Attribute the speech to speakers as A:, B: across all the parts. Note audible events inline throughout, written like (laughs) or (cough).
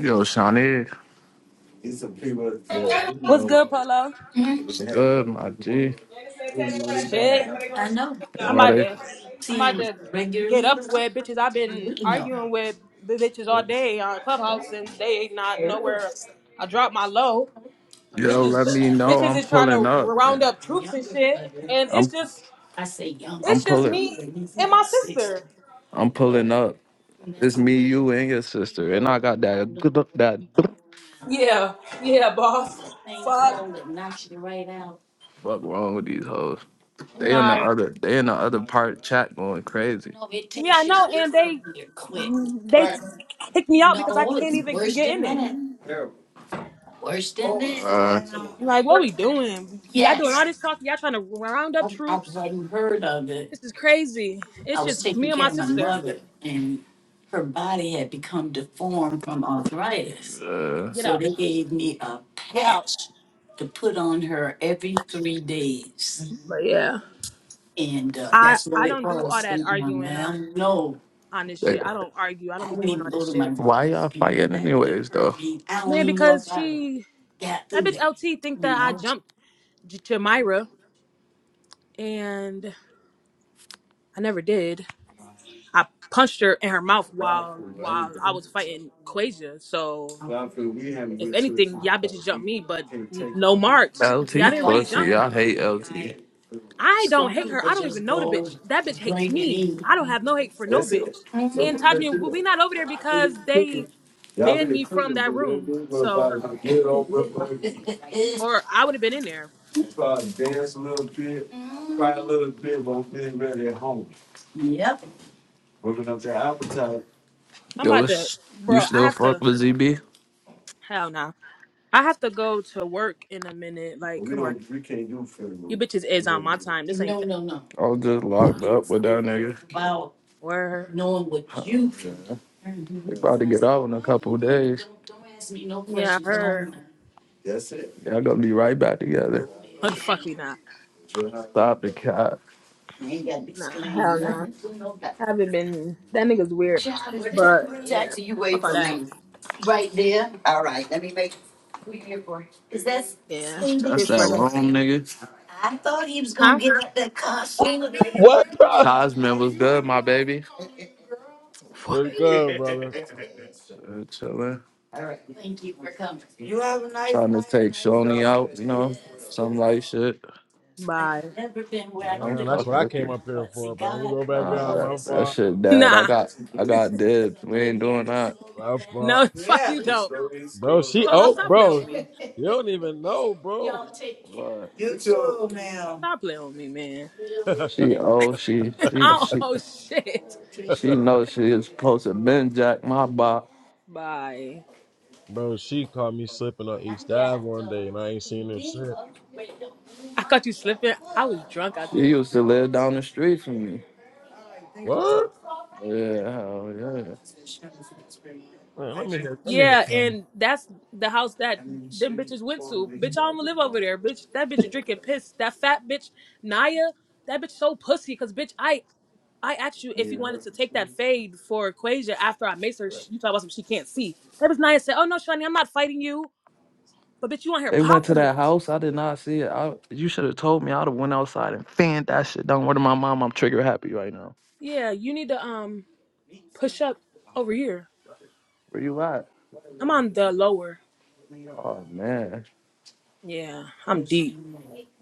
A: Yo, Shawnee,
B: What's good, Polo?
A: what's good, my G?
B: Shit.
A: Yo,
B: I'm
A: why
B: about
A: they,
B: to I'm about to get up with bitches. I've been arguing with the bitches all day on Clubhouse since they ain't not nowhere. I dropped my low.
A: yo,
B: Bitches
A: let me know.
B: bitches
A: I'm
B: is trying
A: pulling
B: to
A: up.
B: round
A: man.
B: up troops and shit. And it's
A: I'm
B: just
A: I'm
B: it's just
A: pulling.
B: me and my sister.
A: I'm pulling up. It's me, you, and your sister. And I got that good that
B: Yeah. Yeah, boss. Fuck.
A: fuck wrong with these hoes. They in the
B: Nah.
A: other they in the other part chat going crazy. Uh,
B: Yeah, I know, and they they kicked me out because I can't even get in it. Like, what we doing? Y'all doing all this talking. Y'all trying to round up troops. This is crazy. It's just me and my sister.
A: uh,
B: Get out. Get out. But yeah, I I don't do all that arguing on on this
A: they
B: shit. I don't argue. I don't be doing all this shit,
A: Why y'all fighting anyways, though?
B: man. Because she that bitch LT think that I jumped J- Jamira and I never did. I punched her in her mouth while while I was fighting Quasia. So if anything, y'all bitches jumped me, but n- no marks.
A: LT
B: Y'all didn't really jump
A: pussy.
B: me.
A: I do hate LT.
B: I don't hate her. I don't even know the bitch. That bitch hates me. I don't have no hate for no bitch. And Tajmi, we we not over there because they banned me from that room. So, or I would have been in there. I'm
A: Yo,
B: about to,
A: it's, you
B: bro. I
A: still
B: have
A: fuck
B: to.
A: with ZB?
B: Hell no. I have to go to work in a minute. Like, come on, you bitches is on my time. This ain't that.
A: I was just locked up with that nigga.
B: Word.
A: They about to get out in a couple days.
B: Yeah, her.
A: Y'all gonna be right back together.
B: But fuck we not.
A: Stop the cat.
B: Nah, hell no. haven't been. That nigga's weird. But yeah,
A: Jackson, you
B: fuck
A: wait
B: all
A: for
B: that.
A: me. All right, let me make. Is that?
B: Yeah,
A: That's
B: shit
A: that
B: funny,
A: wrong nigga.
B: huh? (laughs)
C: What, bro?
A: Tasman was good, my baby.
C: What's good, brother?
A: Uh, chillin'. You have a nice Trying to night. take Shoni out, you know, some light shit.
B: Bye.
A: I'm
C: Man,
A: fucking get
C: that's what I
A: with you.
C: came up here for, but let me go back
A: Nah,
C: down.
A: that,
C: My
A: what's that
C: fault.
A: shit
B: (laughs)
A: dead. I
B: Nah,
A: got I got dibs. We ain't doing that.
C: My fault.
B: no, fuck
A: Yeah,
B: you don't.
C: Bro, she
B: Polo,
C: oh
B: stop playing with
C: bro.
B: me.
C: You don't even know, bro.
A: But you know now.
B: Stop playing with me, man.
C: (laughs)
A: she
C: bro,
A: oh she
B: (laughs)
A: she
B: oh,
A: she
B: oh shit.
A: she knows she is supposed to been jack my box.
B: Bye.
C: she caught me slipping on East Ave one day and I ain't seen her since.
B: I caught you slipping. I was drunk out
A: She
B: there.
A: used to live down the street from me.
C: What?
A: Yeah, hell yeah.
C: Man, let me hear let me hear
B: Yeah,
C: Tommy.
B: and that's the house that them bitches went to. Bitch, I don't live over there. Bitch, that bitch drinking piss. That fat bitch, Naya, that bitch so pussy. Cause bitch, I I asked you if you wanted to take that fade for Quasia after I maced her. She- You talk about something she can't see. That bitch Naya said, "Oh no, Shani, I'm not fighting you, but bitch, you on here
A: They went to
B: popping
A: that
B: it."
A: house. I did not see it. I, you should have told me. I'd have went outside and fanned that shit Don't worry, my mom, I'm trigger happy right now.
B: Yeah, you need to um push up over here.
A: Where you at?
B: I'm on the lower.
A: Oh man,
B: Yeah, I'm deep.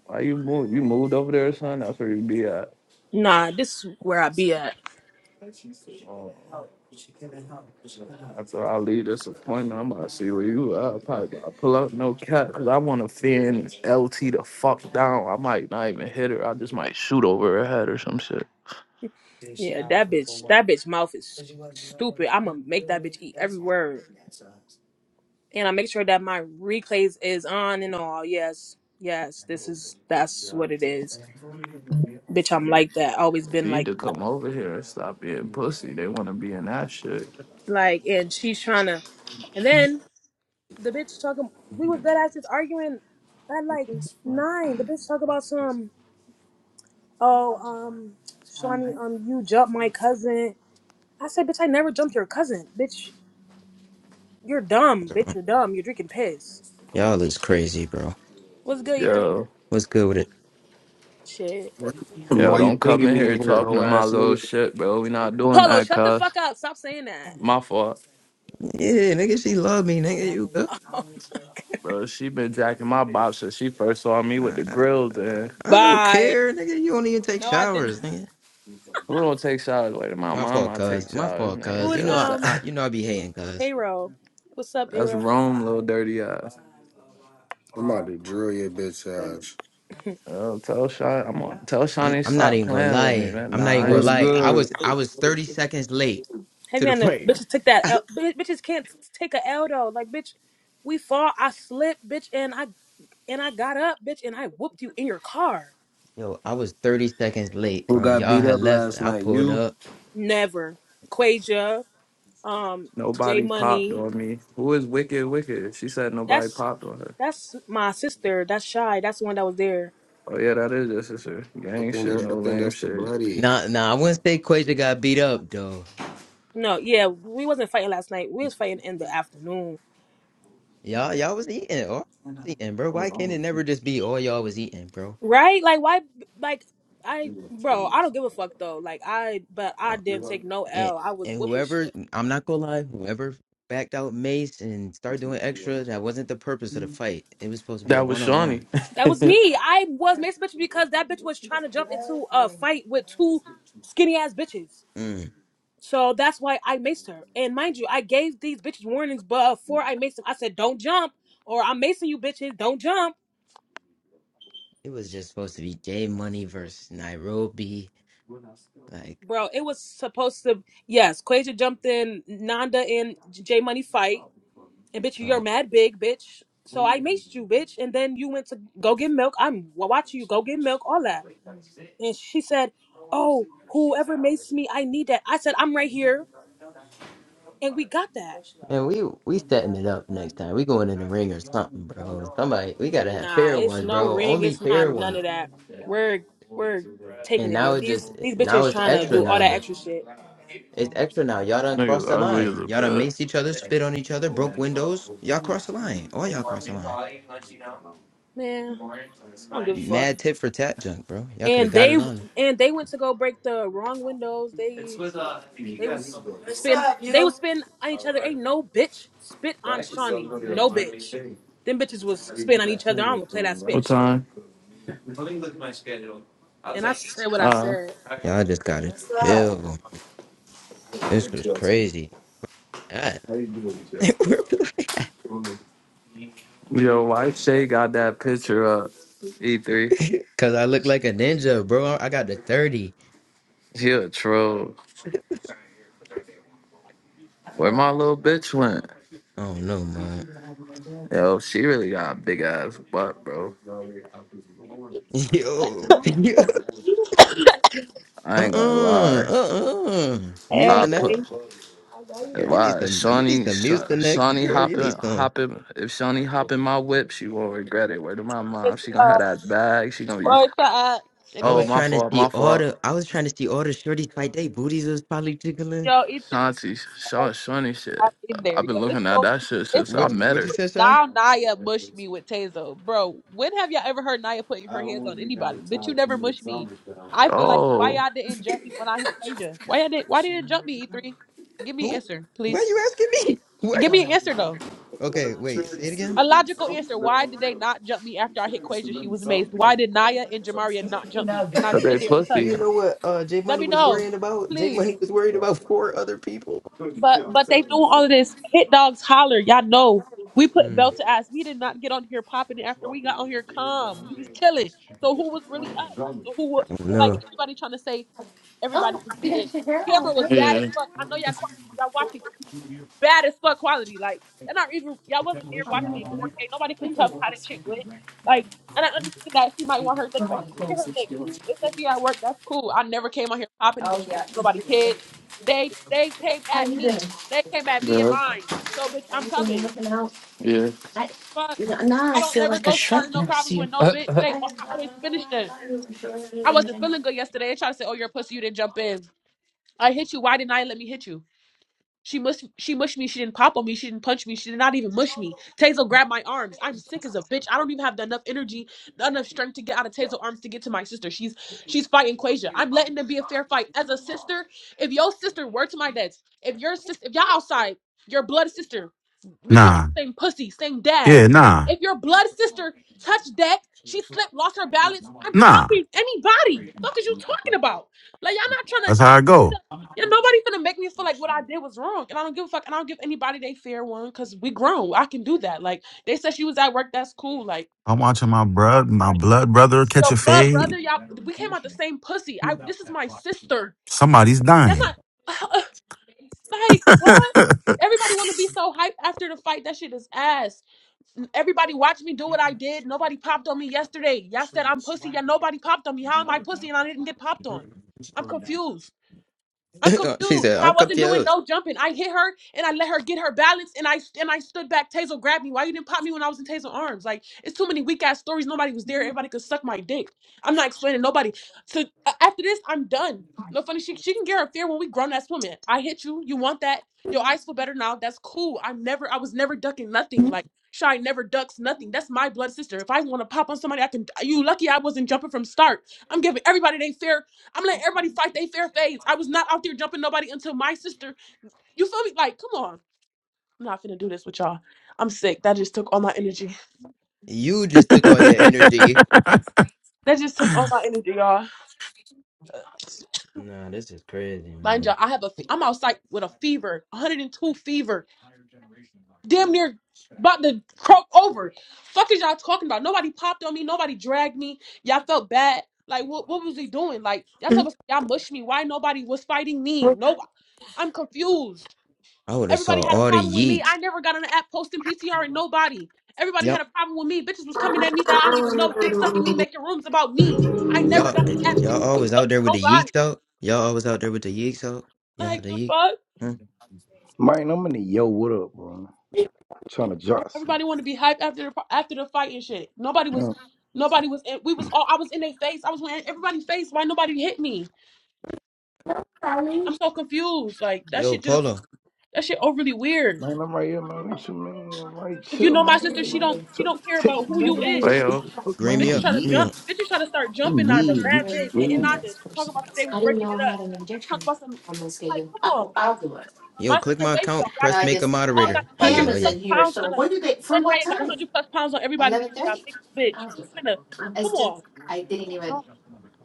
A: why you move? You moved over there, son? That's where you be at.
B: Nah, this is where I be at.
A: Oh, after I leave this appointment, I'm about to see where you at. I probably about to pull up no cat, cause I want to fin LT the fuck down. I might not even hit her. I just might shoot over her head or some shit.
B: Yeah, that bitch, that bitch mouth is stupid. I'm gonna make that bitch eat every word, and I make sure that my replays is on and all. Yes, yes, this is that's what it is, bitch.
A: They
B: I'm
A: need,
B: like that. Always been
A: they need
B: like,
A: to come over here and stop being pussy. They want to be in that shit.
B: like, and she's trying to, and then the bitch talking. We was dead asses arguing at like nine. The bitch talk about some. oh, um, Shawnee, um, you jumped my cousin. I said, bitch, I never jumped your cousin. Bitch, you're dumb. Bitch, you're dumb. You're drinking piss.
D: Y'all is crazy, bro.
B: What's good, you three?
A: Yo,
D: What's good with it?
B: Shit.
E: Why
A: yo,
E: why you
A: don't come
E: pinging
A: in
E: me
A: here
E: in here,
A: talking
E: hoe
A: to my
E: ass
A: little
E: nigga?
A: shit, bro. We not doing
B: Polo,
A: that,
B: shut the
A: cuz.
B: fuck up. Stop saying that.
A: My fault.
D: Yeah, nigga, she love me, nigga. You good?
B: (laughs)
A: Bro, she been jacking my box since she first saw me with the
D: I,
A: grills. Then
D: I don't
B: Bye.
D: care, nigga. You don't even take
B: No, I didn't.
D: showers, nigga.
A: who don't take showers? Like my
D: My fault,
A: mama, I take
D: cuz. My
A: showers,
D: fault,
B: Who
A: nigga.
D: cuz.
B: is,
D: You
A: Yo,
D: know I,
A: stop.
B: um,
D: I you
A: (laughs)
D: know I be hating, cuz.
B: payroll? What's up,
A: That's
B: payroll? (laughs)
A: Rome, little dirty ass.
E: I'm about to drill your bitch ass.
B: Heavy
A: Yo, tell Sean, I'm on. Tell
D: I'm
A: Shawnee
D: I'm not
A: stop
D: even gonna
A: playing with me,
D: lie.
A: man.
D: I'm not
A: Nah,
D: even
A: I
D: gonna
E: What's
A: ain't.
D: lie. I
E: good?
D: was I was 30 seconds late to the (laughs)
B: on the
D: fight.
B: bitches took that L. Bitch- Bitches can't take a L though. Like, bitch, we fall. I slipped, bitch, and I and I got up, bitch, and I whooped you in your car.
D: Yo, I was 30 seconds late,
E: Who
D: bro.
E: got
D: Y'all
E: beat
D: had
E: up
D: left.
E: last
D: I
E: night?
D: pulled
E: You?
D: up.
B: Never, Quasia. um J
A: Nobody popped
B: Money.
A: on me. Who is wicked? Wicked. She said nobody
B: That's
A: popped on her.
B: that's my sister. That's Shy. That's the one that was there.
A: Oh yeah, that is your sister.
E: I
A: Gang
E: think
A: shit,
E: that, I
A: no
E: think
A: lame
E: that's the
A: shit.
E: bloody.
D: Nah, nah, I wouldn't say Quasia got beat up though.
B: No, yeah, we wasn't fighting last night. We was fighting in the afternoon.
D: Y'all y'all was eating, or eating, bro. Why can't it never just be all y'all was eating, bro?
B: Right? Like why like I bro, I don't give a fuck though. Like I but I didn't take no
D: and
B: L. I was
D: and
B: whooping shit.
D: whoever I'm not gonna lie, whoever backed out Mace and started doing extra, that wasn't the purpose of the fight. It was supposed to be a
A: That was
D: one on
A: Shawnee.
D: one.
B: That was
A: (laughs)
B: me. I was mixed bitch because that bitch was trying to jump into a fight with two skinny ass bitches.
D: Mm.
B: So that's why I maced her. And mind you, I gave these bitches warnings before I maced them. I said, don't jump or I'm macing you bitches. Don't jump.
D: It was just supposed to be Jay Money versus Nairobi. Like,
B: Bro, it was supposed to. Yes, Quasia jumped in, Nanda and J Money fight, and bitch, you're
D: uh,
B: mad big, bitch. So I maced you, bitch, and then you went to go get milk. I'm wa- watching you go get milk, all that. And she said, "Oh, whoever maced me, I need that." I said, "I'm right here," and we got that.
D: man, we we setting it up next time. We going in the ring or something, bro. Somebody, we gotta have
B: Nah,
D: fair
B: it's
D: ones,
B: no
D: bro.
B: ring.
D: Only
B: It's not
D: fair
B: none of
D: ones.
B: that. We're we're
D: And
B: taking it
D: now
B: there.
D: it just
B: These these
D: now
B: bitches
D: it's
B: trying to
D: extra
B: do all that
D: now.
B: extra shit.
D: It's extra now. Y'all done
A: Niggas
D: crossed the
A: ugly as a
D: line. Y'all done maced
A: bit.
D: each other, spit on each other, broke windows. Y'all crossed the line. All y'all crossed the line.
B: Man, I don't give a fuck.
D: Mad tit for tat junk, bro. Y'all could have
B: and
D: got
B: they
D: it on.
B: and they went to go break the wrong windows. They they was spin they was spin on each other. Ain't no bitch spit on Shawnee. No bitch. Them bitches was spin on each other. I don't wanna play that spit
A: What
B: and shit.
A: time?
B: And I said what I
A: Uh
B: said.
D: Y'all just got to chill. This was crazy. God. (laughs)
A: Yo, why Shay got that picture up? E3.
D: Cause I look like a ninja, bro. I got the 30.
A: She a troll. Where my little bitch went?
D: Oh no, man.
A: Yo, she really got a big ass butt, bro.
D: (laughs) Yo. (laughs)
A: I
D: Uh
A: ain't gonna
D: uh-uh,
A: lie.
D: uh. Uh
A: I
F: Hey,
D: uh.
A: put
F: I know you
D: Girl,
F: well,
D: you need
A: why
D: some. You need
A: Shawnee
D: some
A: Sha-
D: mucinex,
A: Shawnee
D: girl. You
A: hopping
D: need some.
A: hopping if Shawnee hopping my whip, she won't regret it. Where to my
F: it's,
A: mom? She gonna
F: uh,
A: have that bag. She gonna be
F: or, uh,
D: I
A: oh
D: was
F: anyway,
A: my
D: trying to
A: fault,
D: see
A: my
D: all
A: fault.
D: the. I was trying to see all the shorties fight. They booties was probably tickling.
A: Nah,
F: yo, E3, uh, you
A: Shanti,
F: have to
A: Sha- Shawnee
F: be
A: shit.
F: happy in there,
A: I've been
F: yo. It's
A: looking at
F: so many,
A: that shit
F: it's
A: since
F: so
A: I
D: What?
F: many
A: met
D: What
A: her.
D: you
F: stories.
D: said, shy?
F: Now Naya mushed me with Tazo, bro. When have y'all ever heard Naya putting her hands on anybody? Bitch, you never mushed me. I feel like why
A: Oh.
F: y'all didn't jump me when I hit Quasia? Why y'all didn't? Why didn't you jump me, E3? Give me an
D: Who?
F: answer,
D: Why
F: please.
D: you asking me? (laughs) What?
F: Give me an answer though.
D: Okay, wait. Say it again.
F: A logical answer. Why did they not jump me after I hit Quasia? She was amazed. Why did Naya and Jamaria not jump me? And I
A: Okay,
F: stood there
D: Do
F: untouched.
A: pussy.
D: you know what uh J
F: Let
D: Money
F: me
D: was
F: know,
D: worrying about? J
F: please.
D: Money was worried about four other people.
F: But but they doing all of this. Hit dogs holler. Y'all know we put
D: Hmm.
F: belt to ass. We did not get on here popping after we got on here calm. We was chilling. So who was really up? So who wa- like
D: No.
F: everybody trying to say everybody was eating. Camera was bad as
A: Yeah,
F: fuck. I know y'all quality. Y'all watching cameras bad as fuck quality. Like y'all not even y'all wasn't there watching it in 4K. Nobody can tell me how that shit went. Like and I understand that she might want her lick back. She can Get her lick. It said she at work. That's cool. I never came on here popping and disrespecting nobody kid. They they came at me. They came at me in
A: yeah,
F: mine. So bitch, I'm coming.
A: yeah.
F: But I don't never go starting no problems with no bitch.
A: (laughs)
F: They oh, I always finish them. I wasn't feeling good yesterday. They tried to say, "Oh, you're a pussy. You didn't jump in. I hit you. Why didn't I let me hit you?" She mushed she mushed me. She didn't pop on me. She didn't punch me. She did not even mush me. Tazel grabbed my arms. I'm sick as a bitch. I don't even have enough energy, not enough strength to get out of Tazel arms to get to my sister. She's she's fighting Quasia. I'm letting them be a fair fight. As a sister, if your sister were to my dad's, if your sister if y'all outside, your blood sister, we came out
G: Nah.
F: the same pussy, same dad.
G: Yeah, nah.
F: If your blood sister touched deck, she slipped, lost her balance. I'm
G: Nah.
F: popping anybody. Fuck is you talking about? Like y'all not trying to.
G: That's how I go.
F: Yeah, nobody's gonna make me feel like what I did was wrong, and I don't give a fuck, and I don't give anybody they fair one because we grown. I can do that. Like they said, she was at work. That's cool. Like,
G: I'm watching my
F: fine.
G: blood, my
F: like
G: blood brother catch a
F: yo, blood
G: fade.
F: brother, y'all, we came out the same pussy. I this is my sister.
G: Somebody's
F: Y'all
G: dying.
F: not (sighs) (laughs) like what?
G: (laughs)
F: Everybody want to be so hyped after the fight. That shit is ass. Everybody watched me do what I did. Nobody popped on me yesterday. Y'all said I'm pussy. Yeah, nobody popped on me. How am I pussy and I didn't get popped on? I'm confused. I'm
D: (laughs) she
F: confused,
D: said,
F: and I
D: "I'm
F: wasn't doing
D: confused.
F: no jumping. I hit her, and I let her get her balance, and I and I stood back. Taser grabbed me. Why you didn't pop me when I was in Taser arms? Like it's too many weak ass stories. Nobody was there. Everybody could suck my dick. I'm not explaining nobody. So a- after this, I'm done. No funny. She she can get her fear when we grown ass women. I hit you. You want that? Your eyes feel better now. That's cool. I'm never. I was never ducking nothing. Like shy never ducks nothing. That's my blood sister. If I want to pop on somebody, I can. You lucky I wasn't jumping from start. I'm giving everybody they fair. I'm letting everybody fight they fair fades. I was not out there jumping nobody until my sister. You feel me? Like, come on. I'm not finna do this with y'all. I'm sick. That just took all my energy.
D: You just took all your energy."
F: That just took all my energy, y'all.
D: Nah, this is crazy,
F: Mind
D: man.
F: y'all, I have a. Fe- I'm outside with a fever, 102 fever, damn near about to croak over. Fuck is y'all talking about? Nobody popped on me. Nobody dragged me. Y'all felt bad. Like, what? What was he doing? Like, y'all
H: Mm.
F: supposed y'all mushed me. Why nobody was fighting me? No, I'm confused.
D: I would have
F: Everybody
D: saw
F: had a
D: all the
F: problem with me. I
D: yeeks.
F: never got on the app posting PTR and nobody. Everybody
D: Yup.
F: had a problem with me. Bitches was coming at me that I don't even know, dick sucking me, making rooms about me. I never
D: Y'all,
F: got on
D: eh,
F: the
D: eh,
F: app, dick
D: y'all
F: sucking
D: always out
F: no-
D: there with the
F: nobody.
D: yeeks out. Y'all always out there with the yeeks out. Y'all
F: Like
D: the
F: the
D: yeek.
F: fuck?
D: Huh?
I: Man, I'm in the yo, what up, bro? trying to jostle.
F: Everybody want to be hyped after the after the fight and shit. Nobody was,
I: Man,
F: nobody was. In, we was all. I was in their face. I was in everybody's face. Why nobody hit me?
H: Sorry.
F: I'm so confused. Like that
D: Yo,
F: shit just
D: Polo,
F: that shit overly weird.
I: man, I'm right here, man. What you man. right
F: If you
I: chill,
F: know my
I: man.
F: sister, she don't she
I: Trying to
F: don't care about
I: text
F: who
I: me,
F: you
I: man.
F: is.
A: Well,
I: Fuck,
D: green
I: man.
F: Bitches
D: me up,
F: try
I: I'm
F: to
D: green me
I: weird.
F: jump.
D: up.
F: Bitches try to start jumping
I: I'm
F: on the
I: weird,
F: mad
I: bitch.
F: big, hitting on
I: Yeah.
F: the talking about some they was breaking it up. Talk about some like, come on, my
D: Yo, click
F: sister
D: my
F: Rachel,
D: account,
F: y'all,
D: press make a
F: all got
D: moderator.
F: a
D: Oh yeah,
F: hundred
D: oh yeah.
F: plus pounds on us. You and I got a hundred plus pounds on everybody. There. Y'all big as a bitch. Who's finna? Come on, Oh,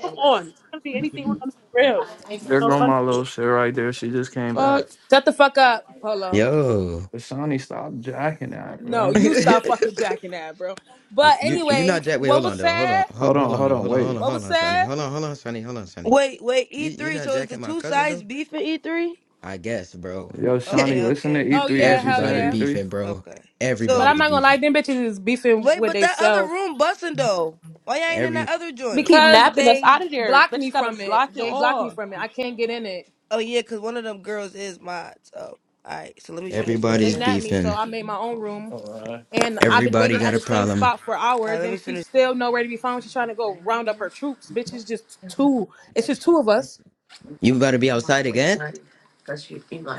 F: come on. It's gonna be anything. We're gonna be real.
A: there
F: No
A: go
F: fun
A: my little
F: shit.
A: shit right there. She just came
F: Fuck.
A: back.
B: Shut the fuck up, Polo.
D: Yo.
A: But Shawnee, stop jacking that,
B: No,
D: (laughs)
A: bro.
B: you stop fucking jacking that, bro. But
D: you you
B: anyways,
D: not Jack. Wait,
B: what
D: hold
B: was
D: on though. Hold on,
B: said?
D: Ho-
A: Hold
D: hold
A: on,
D: on
A: hold
D: though.
A: on,
D: Hold on, hold
A: wait.
D: on,
B: What
D: hold
B: was
D: on, Sonny.
B: said?
D: Hold on, hold on, Sonny. Hold on, Sonny.
J: Wait, wait, E
D: You you
J: three.
D: not
J: So is
D: Jack
J: the
D: and my
J: two
D: cousin
J: sides
D: though?
J: beef in E three?
D: I guess, bro.
A: Yo,
D: (laughs)
A: Shawnee,
J: Okay,
A: listen to
J: okay,
B: Oh
A: E3.
B: yeah,
A: What you
B: hell
A: said,
D: Everybody
B: yeah.
A: E3?
D: beefing, bro.
J: okay.
B: But
J: So
B: I'm
D: Everybody's
B: not gonna lie,
D: beefing.
B: them bitches is beefing
J: wait,
B: with
J: but that other
B: theyself.
J: room busting though. Why y'all ain't in that
D: Every
J: other joint?
F: Keep
B: Because
F: napping us
B: they
F: out of there.
B: blocked
F: Bitches
B: me
F: got
B: from
F: us
B: it.
F: blocked and
B: They blocked me
F: all.
B: from it. I can't get in it.
J: Oh yeah, cause one of them girls is mods. Oh, all right. So let me
B: Yeah.
J: finish
B: They
D: everybody's
J: listening.
B: nabbed me, so
D: beefing.
B: I made my own room. And I've been
D: Everybody
B: waiting at
D: got a
B: the same
D: problem.
B: spot for
J: All right,
B: hours,
J: let me
B: and
J: finish.
B: she's still nowhere to be found. She's trying to go round up her troops. Bitch, it's just two. It's just two of us.
D: You about to be outside again?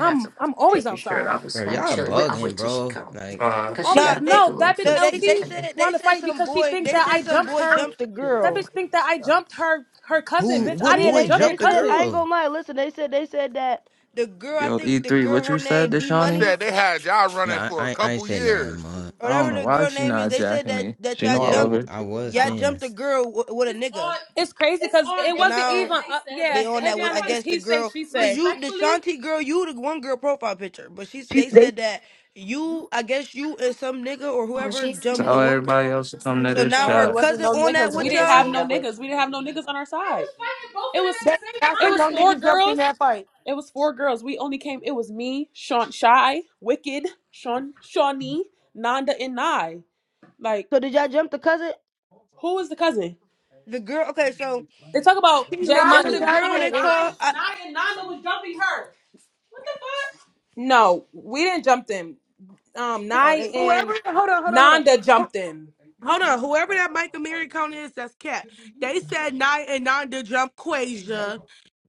B: I'm I'm always outside.
D: Bro, y'all bugging, bro. Like,
A: Uh,
B: I'm always
J: Nah, they
B: no. That bitch
J: no, they they
B: LT
J: said they
B: want to
J: said
B: fight
J: some
B: because she
J: boy.
B: think
J: They
B: that
J: said
B: I
J: some
B: jumped
J: boy
B: her.
J: jumped a
B: That
J: girl.
B: bitch think that I jumped her her cousin.
D: who,
B: Bitch,
A: thank
B: I
D: what
A: you.
B: didn't
J: Yeah,
B: even
D: boy
J: they
B: jump your
J: they
D: jumped the
J: said
B: cousin.
J: I ain't
D: girl?
J: gonna lie. Listen, they said they said that the girl. I
A: Yo,
J: think the
A: E3,
J: girl
A: what
J: her
A: you said
J: name
A: to
J: D
K: He
A: Shawnee?
J: Money.
K: said they had y'all running
D: Nah,
K: for a
D: I, I ain't
K: couple
D: say nothing,
K: years.
D: mud.
A: I don't
J: whatever
A: know
J: the
D: Um,
A: why
J: girl
A: she
J: name is,
A: not
J: they said
A: jacking
J: that
A: me.
J: that
A: She
J: y'all
A: know I
D: yeah, I,
A: love
D: w-
J: jumped,
A: her.
D: I was
J: y'all
D: saying.
J: jumped a girl w- with a nigga.
B: It's crazy because it
J: So
B: wasn't even.
J: now
B: up-
J: they
B: yeah,
J: on that with I
B: Heviana is
J: guess the
B: he say
J: girl,
B: she say.
J: cause you the
B: respectfully.
J: Shanti girl, you the one girl profile picture, but she's they said that you I guess you and some nigga or whoever jumped the
A: Tell
J: one
A: everybody
J: girl.
A: else to come to
J: So
A: this
J: now
B: No,
J: her
B: it
A: chat.
B: wasn't
J: cousin
B: no
J: on that
B: niggas. We
J: with
B: didn't
J: y'all.
B: have no niggas. We didn't have no niggas on our side. It was
H: That, I
B: it
H: say
B: was
H: no
B: four
H: niggas jumped in
B: girls.
H: that fight.
B: It was four girls. We only came. It was me, Sean, Shy, Wicked, Sean, Shawnee, Nanda, and Nye. Like,
J: So did y'all jump the cousin?
B: who is the cousin?
J: The girl. Okay, so
B: They talk about
H: He
B: J
H: not
J: it's
H: the
B: Money.
J: the girl
B: No,
J: they
H: president. And
B: Nye,
J: call. I,
B: Nye, and Nanda was jumping her. What the fuck? No, we didn't jump them. Um,
J: oh, they
B: Nye
H: whoever,
B: and
H: hold on, hold on, hold on.
B: Nanda
H: Ho-
B: jumped them.
H: Hold on, whoever that Michael Miracone is, that's cat. They said Night and Nanda jumped Quasia,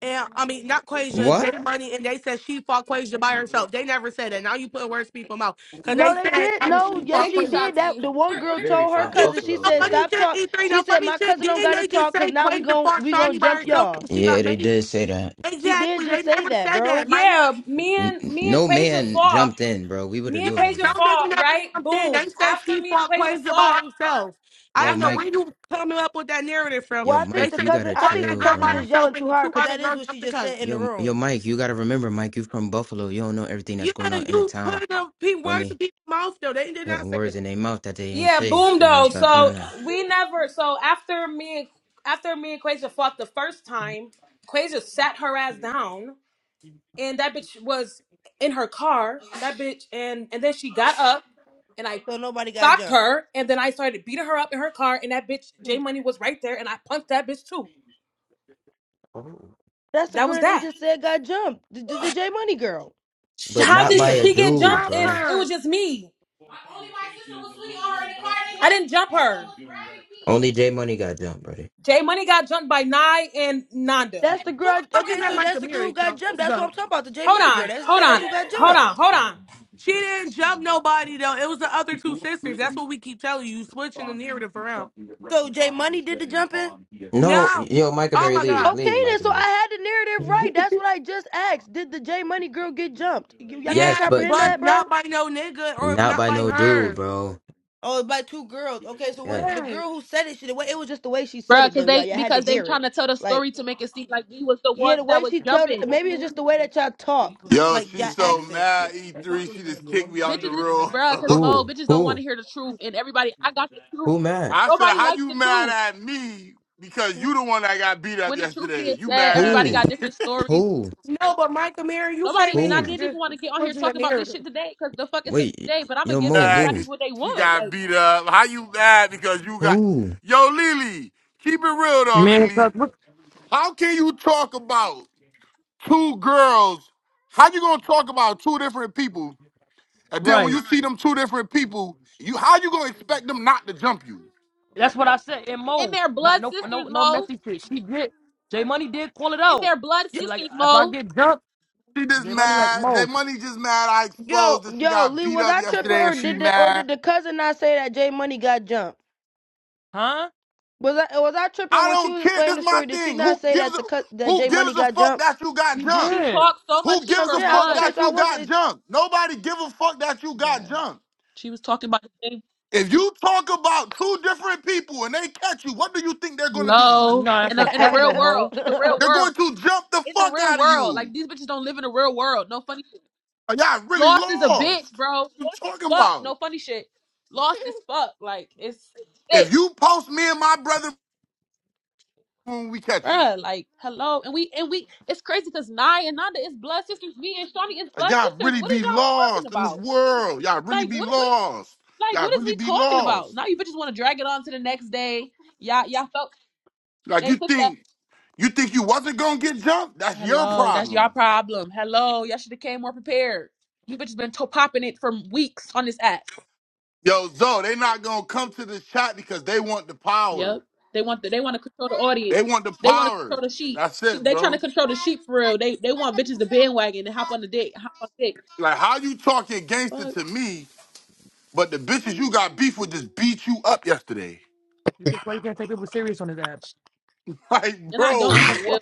H: and I mean not Quasia,
D: What?
H: Jay Money, and they said she fought Quasia by herself. They never said that. Now you put words in people's mouth because
J: No,
H: they
J: they
H: said
J: did.
H: I mean,
J: No,
H: she
J: yes,
H: fought
B: Thank
J: she
B: you,
H: Quasia.
J: did. That
B: Shanti.
J: the one
B: Clear,
J: girl
B: clear.
J: told
B: it
J: her
B: up.
H: E3
J: cousin. She
H: no
J: said,
H: funny
J: "Stop
H: shit.
J: talk."
H: E3
J: She
H: no
J: said,
H: funny
J: "My
H: shit.
J: cousin don't
H: Didn't
J: gotta
H: they just
J: talk, cause
H: say
J: now we
H: Quasia
J: gon'
H: fought
J: we gon'
H: Shawnee by
J: jump
H: herself
J: y'all."
H: and she got
D: Yeah, they
H: made?
D: did say that.
J: She did
H: Exactly. They
J: just say
H: never
J: that,
H: said that,
J: bro.
H: Mike.
B: Yeah, me
D: N-
B: and
D: n-
B: me and
D: no
B: Quasia
D: man
B: fought.
D: jumped in, bro. We would have
B: Me
H: Yeah,
B: and
D: knew about
B: Quasia
H: no
D: that.
H: nigga
B: fought,
H: never
B: right?
H: jumped in.
B: Boom.
H: They said
B: After
H: she
B: me and
H: fought
B: Quasia
H: Quasia by
B: fought,
H: herself. I
D: Yo,
H: don't know
B: after
H: where
D: Mike.
H: you coming up with that narrative from.
J: Well,
D: Yo,
J: I
H: They
J: think
D: Mike,
J: the
D: you
H: said
J: cousin.
D: gotta
H: she
J: I
H: fought
J: think the
H: that
D: chill,
H: girl
J: cousin
H: by
D: bro.
J: just
H: herself
J: yelling
H: and
J: too
H: the
J: hard,
H: two
J: cause
H: other
J: that is
H: girls
J: what
H: up
J: she
H: the
J: just
H: cousin.
J: said in the
D: Yo, yo,
J: room.
D: Mike, you gotta remember, Mike, you from Buffalo. You don't know everything that's
H: Yeah,
D: going on in the
H: you
D: town.
H: put the pe-
D: Feel
H: words
D: me?
H: in people's mouth though. They did not
D: Putting
H: say
D: words in their mouth that they ain't
B: yeah,
D: say.
B: boom
D: You gotta
B: though.
D: stop doing
B: So
D: that.
B: we never so after me and after me and Quasia fought the first time, Quasia sat her ass down and that bitch was in her car. That bitch and and then she got up and I
J: So nobody got
B: stopped
J: jumped.
B: her and then I started beating her up in her car and that bitch J
H: that.
B: Money was right there and I punched that bitch too.
J: That's the
B: That
J: girl
B: was
J: that they
B: that.
J: just said got jumped. The, the, the J Money girl.
D: But
J: I
B: How
J: can
D: not
B: did
D: by
J: hear.
D: a
J: Her.
B: she get
D: dude,
B: jumped
H: Jump
D: bro.
B: if it
H: her.
B: was just me? My only my
D: Conversation
B: sister
D: is
B: was
D: a
B: swinging
D: little
B: on
D: bit
B: her in the car.
D: above me
B: And I
D: at
B: didn't
D: this
B: jump her.
D: point
B: Someone
D: because
B: was
D: you and Rex.
B: grabbing me.
D: Only J Money got jumped, brother.
B: Jay Money got jumped by Nye and Nanda.
J: That's the
H: Who
J: girl.
H: the
J: I-
H: fuck is
J: okay,
H: that
J: so
H: Mike
J: that's the girl who
H: Mary
J: got
H: count?
J: jumped.
H: Let's
J: That's what I'm
H: go.
J: talking about. The J
B: Hold
J: Money girl.
B: on,
J: That's
B: hold
J: said. That's
B: on,
J: who got
B: hold
J: jumped.
B: on, hold on.
H: She didn't jump nobody though. It was the other two sisters. That's what we keep telling you. You switching the narrative around.
J: So J Money did the jumping.
D: No,
H: No.
D: yo, Micah
H: Oh
D: Berry,
H: my
D: leave,
H: god.
J: Okay,
D: leave,
J: then.
D: Micah
J: So I
D: Berry.
J: had the narrative right. That's what I just asked. Did the
D: That's what
J: J
D: they do.
J: Money
D: Some
J: girl get
D: should all do
J: jumped? You,
D: it.
J: y'all can't
D: Yes,
H: Yes,
D: but
J: comprehend
H: but
J: that, bro.
H: not by no nigga or
D: not
H: not
D: by
H: by
D: no dude,
H: her.
D: bro.
J: Oh, it's by two girls. Okay, so when
D: Yes.
J: the
H: Yes.
J: girl who said it, she, the way it was just the way she said
F: Bruh,
J: it though,
F: cause
J: y'all.
F: they
J: Y'all had to
F: because they
J: hear
F: trying
J: it.
F: to tell the
J: Like,
F: story to make it seem like we was the
J: yeah,
F: ones
J: the
F: that
J: way
F: was
J: she tell.
F: jumping.
J: Maybe it's just the way that y'all talk,
K: Yo,
J: like
K: she
J: y'all
K: so
J: accent.
K: mad,
D: It's not
K: E3,
D: really
K: she
D: been
K: just kicked
D: annoying
K: me
D: to
K: out the
D: me
F: Bitches
D: or
F: is
D: anything.
K: room.
D: That's
F: bruh,
D: not-
F: cause
K: (laughs)
F: Mo,
D: Who?
F: bitches don't want
D: Who?
F: to hear the truth. And everybody I got the truth.
D: Who Matt?
K: I said,
F: Nobody
K: how
F: likes
K: you
F: the
K: mad
F: truth.
K: at me? Because you
H: No,
K: the one that got beat up
F: When the truth
K: yesterday.
F: being
K: You
F: said,
K: mad at
F: everybody
D: Who?
F: got
K: me.
F: different
K: (laughs)
F: stories.
D: Who?
H: but Micah Mary, you
F: Nobody
H: came in
F: and I
H: here
D: Who?
F: didn't
H: just
F: even want to get on here
H: switching the
F: talking about this
H: narrative.
F: shit today, cause the fuck is a
D: Wait,
F: day. But I'm gonna
D: yo,
F: give
D: Mo,
K: mad
D: who?
F: everybody
K: because
F: what they
K: she
F: want.
K: got
F: Like
K: beat up. How you mad because you got...
D: Who?
K: Yo, Lily, keep it real though,
L: Man,
K: Lily.
L: cause what,
K: How can you talk about two girls? How you gonna talk about two different people? And then when
L: right.
K: you see them two different people, you how you gonna expect them not to jump you?
L: That's what I said in
F: in
L: mode.
F: their
L: Not
F: blood
L: no no
F: sisters,
L: no
F: Mo.
L: messy shit. She did J Money did call it
F: In
L: out.
F: their blood
J: Yo,
L: She like
F: sisters,
L: if I
F: Mo.
L: get dumped,
K: She just
L: J Money like
K: mad. J
L: Mo,
K: Money just mad. I
J: yo,
K: exposed that she
J: yo,
K: got
J: Lee,
K: beat
J: was
K: up
J: I tripping
K: yesterday
J: or
K: and she
J: did the or did
K: mad.
J: the cousin not say that J Money got jumped?
L: huh?
J: Was I was I tripping
K: I
J: when she
K: don't
J: was
K: care.
J: explaining
K: This
J: the
K: my
J: story? Did she
K: thing.
J: not
K: Who
J: say
K: gives
J: that
K: a
J: the cous- that
K: who
J: J Money
K: gives a
J: got
K: fuck
J: jumped?
K: that you got
L: He
K: jumped?
F: She
L: did.
F: talked so
K: Who
F: much shit
K: gives
J: I'm
F: for
K: a
J: saying I,
K: fuck
F: months.
J: okay,
K: that
J: so I
K: you got
J: wasn't.
K: jumped? Nobody give a fuck that you got
F: Bruh.
K: jumped.
F: She was talking about the same
K: If you talk about two different people and they catch you, what do you think they're gonna do to you?
L: No,
F: hello. In
L: that's a
F: the in the
L: fact
F: real
L: no
F: world.
L: Mo.
F: In the real
K: They're
F: world.
K: going to jump the
F: In the
K: fuck
F: real
K: out of
F: world. Like
K: you.
F: these bitches don't live in the real world. No funny
K: Are y'all really
F: Lost is a
K: lost?
F: bitch, bro. Lost
K: What you
F: as
K: talking
F: fuck.
K: about?
F: No funny shit. Lost as fuck. Like it's sick,
K: If you post me and my brother when we catch you.
F: Bruh, like hello, and we and we. It's crazy because Nye and Nanda is blood sisters. Me and Shawnee is
K: Like
F: blood
K: y'all
F: sisters.
K: really
F: What is
K: be
F: y'all talking
K: lost in this
F: about?
K: world. Y'all really
F: Like
K: be
F: what? What?
K: lost.
F: Like
K: Y'all
F: what is
K: really
F: we
K: be
F: talking about?
K: lost.
F: Now you bitches want to drag it on to the next day. Y'all, y'all felt
K: Like
F: they
K: you
F: put that.
K: think you think you wasn't gonna get jumped? That's your
F: Hello, that's y'all
K: problem.
F: problem. Hello, y'all should have came more prepared. You bitches been to- popping it for weeks on this app.
K: Yo, Zo, they not gonna come to this chat because they want the power.
F: Yep. They want the, they want to control the audience.
K: They want the
F: They want to
K: power.
F: control the sheep.
K: That's
F: She,
K: it,
F: they trying to
K: bro.
F: control the sheep for real. They they want bitches to bandwagon and hop on the dick, hop on dick.
K: Like how you talking gangster
F: Fuck.
K: to me, but the bitches you got beef with just beat you up yesterday. (laughs)
L: You can't you can't take people serious on his app.
K: Like,
F: And I don't even
K: bro,
C: (laughs)
F: feel.
K: what?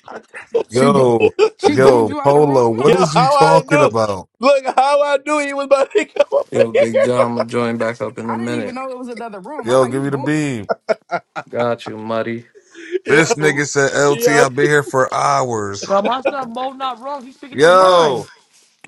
M: She bo-
N: Yo,
M: she boomed
N: yo,
M: you out the
N: Polo,
M: room,
N: what
M: Mo?
C: Yo,
N: is you
C: how I
N: talking
C: do?
N: about?
C: Look, how I do? he was about to (laughs) come up
A: Yo, Big
C: here.
A: John, I'm gonna join back up in a
M: I didn't even
A: minute.
M: know it was another room. I'm
N: Yo,
M: like,
N: give
M: he
N: me the
M: boomed.
N: beam.
A: Got you, muddy.
C: (laughs)
N: This
C: Yo,
N: nigga said, LT,
C: yo,
N: I've been here for hours.
L: But my son Mo not wrong. He's speaking his mind.
N: Yo,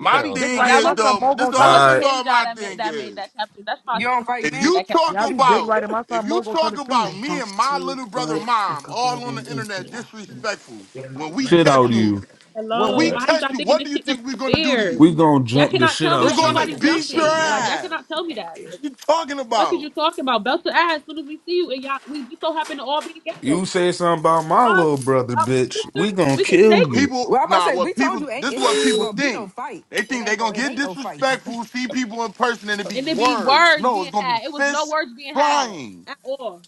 L: Y'all be
C: yo.
L: dick
K: thing
F: No,
L: riding.
F: that
K: is
L: My
F: wasn't
L: son
K: though,
L: Mo
K: this
L: gonna
F: that
L: tell
K: all this
F: wasn't
N: alright.
K: all
F: him, John.
K: my
F: That made
K: thing
F: that made that
K: is.
F: caption. That's my
M: You
F: sister.
M: don't
F: My
M: fight,
F: sister
K: If
M: man.
F: made
K: you
F: that caption.
K: talk
L: y'all be dick
K: about
L: riding. My
K: if
L: son
K: you
L: Mo gonna tell the
K: talk
L: truth.
K: about me and my little brother mom all on the internet disrespectful, when we
N: Shit
K: catch
N: out
K: you,
N: you.
K: when
A: All
F: Hello.
A: right.
K: we
F: Why
K: catch
F: y'all
K: you,
F: thinking
K: what
F: this
K: do you
F: shit gonna
K: think we're
F: be
K: gonna do to
F: fair?
K: you?
N: We gonna
F: Y'all
N: jump the
F: cannot
N: shit
F: tell me
K: We're
F: that
N: out you.
K: gonna
F: nobody's
K: beat your
F: jumping. Like y'all
K: ass.
F: cannot tell me that. Like
K: What you talking
F: fuck is
K: about?
F: you talking about? Belt to ass. As soon as we see you and y'all, we just so happen to all be together.
N: You say something about my
F: Fuck.
N: little brother,
F: Y'all my
N: bitch. We
F: sister.
N: gonna
F: We could
N: kill
F: take
N: you.
K: People
M: Well, I'm about to
K: nah,
M: say, we
K: what
M: told
K: people
M: you ain't,
K: this is
M: it
K: what
M: ain't even
K: people
M: gonna be no
K: think.
M: fight.
K: They
M: It
K: think they
M: ain't
K: gonna
M: gonna. It
K: get
M: ain't no fights. (laughs)
K: disrespectful, see people in person, and it be
F: And it be
K: words.
F: words
K: No, it's
F: being
K: gonna be
F: had. It was no
K: fists
F: words being had
K: flying.
F: at all.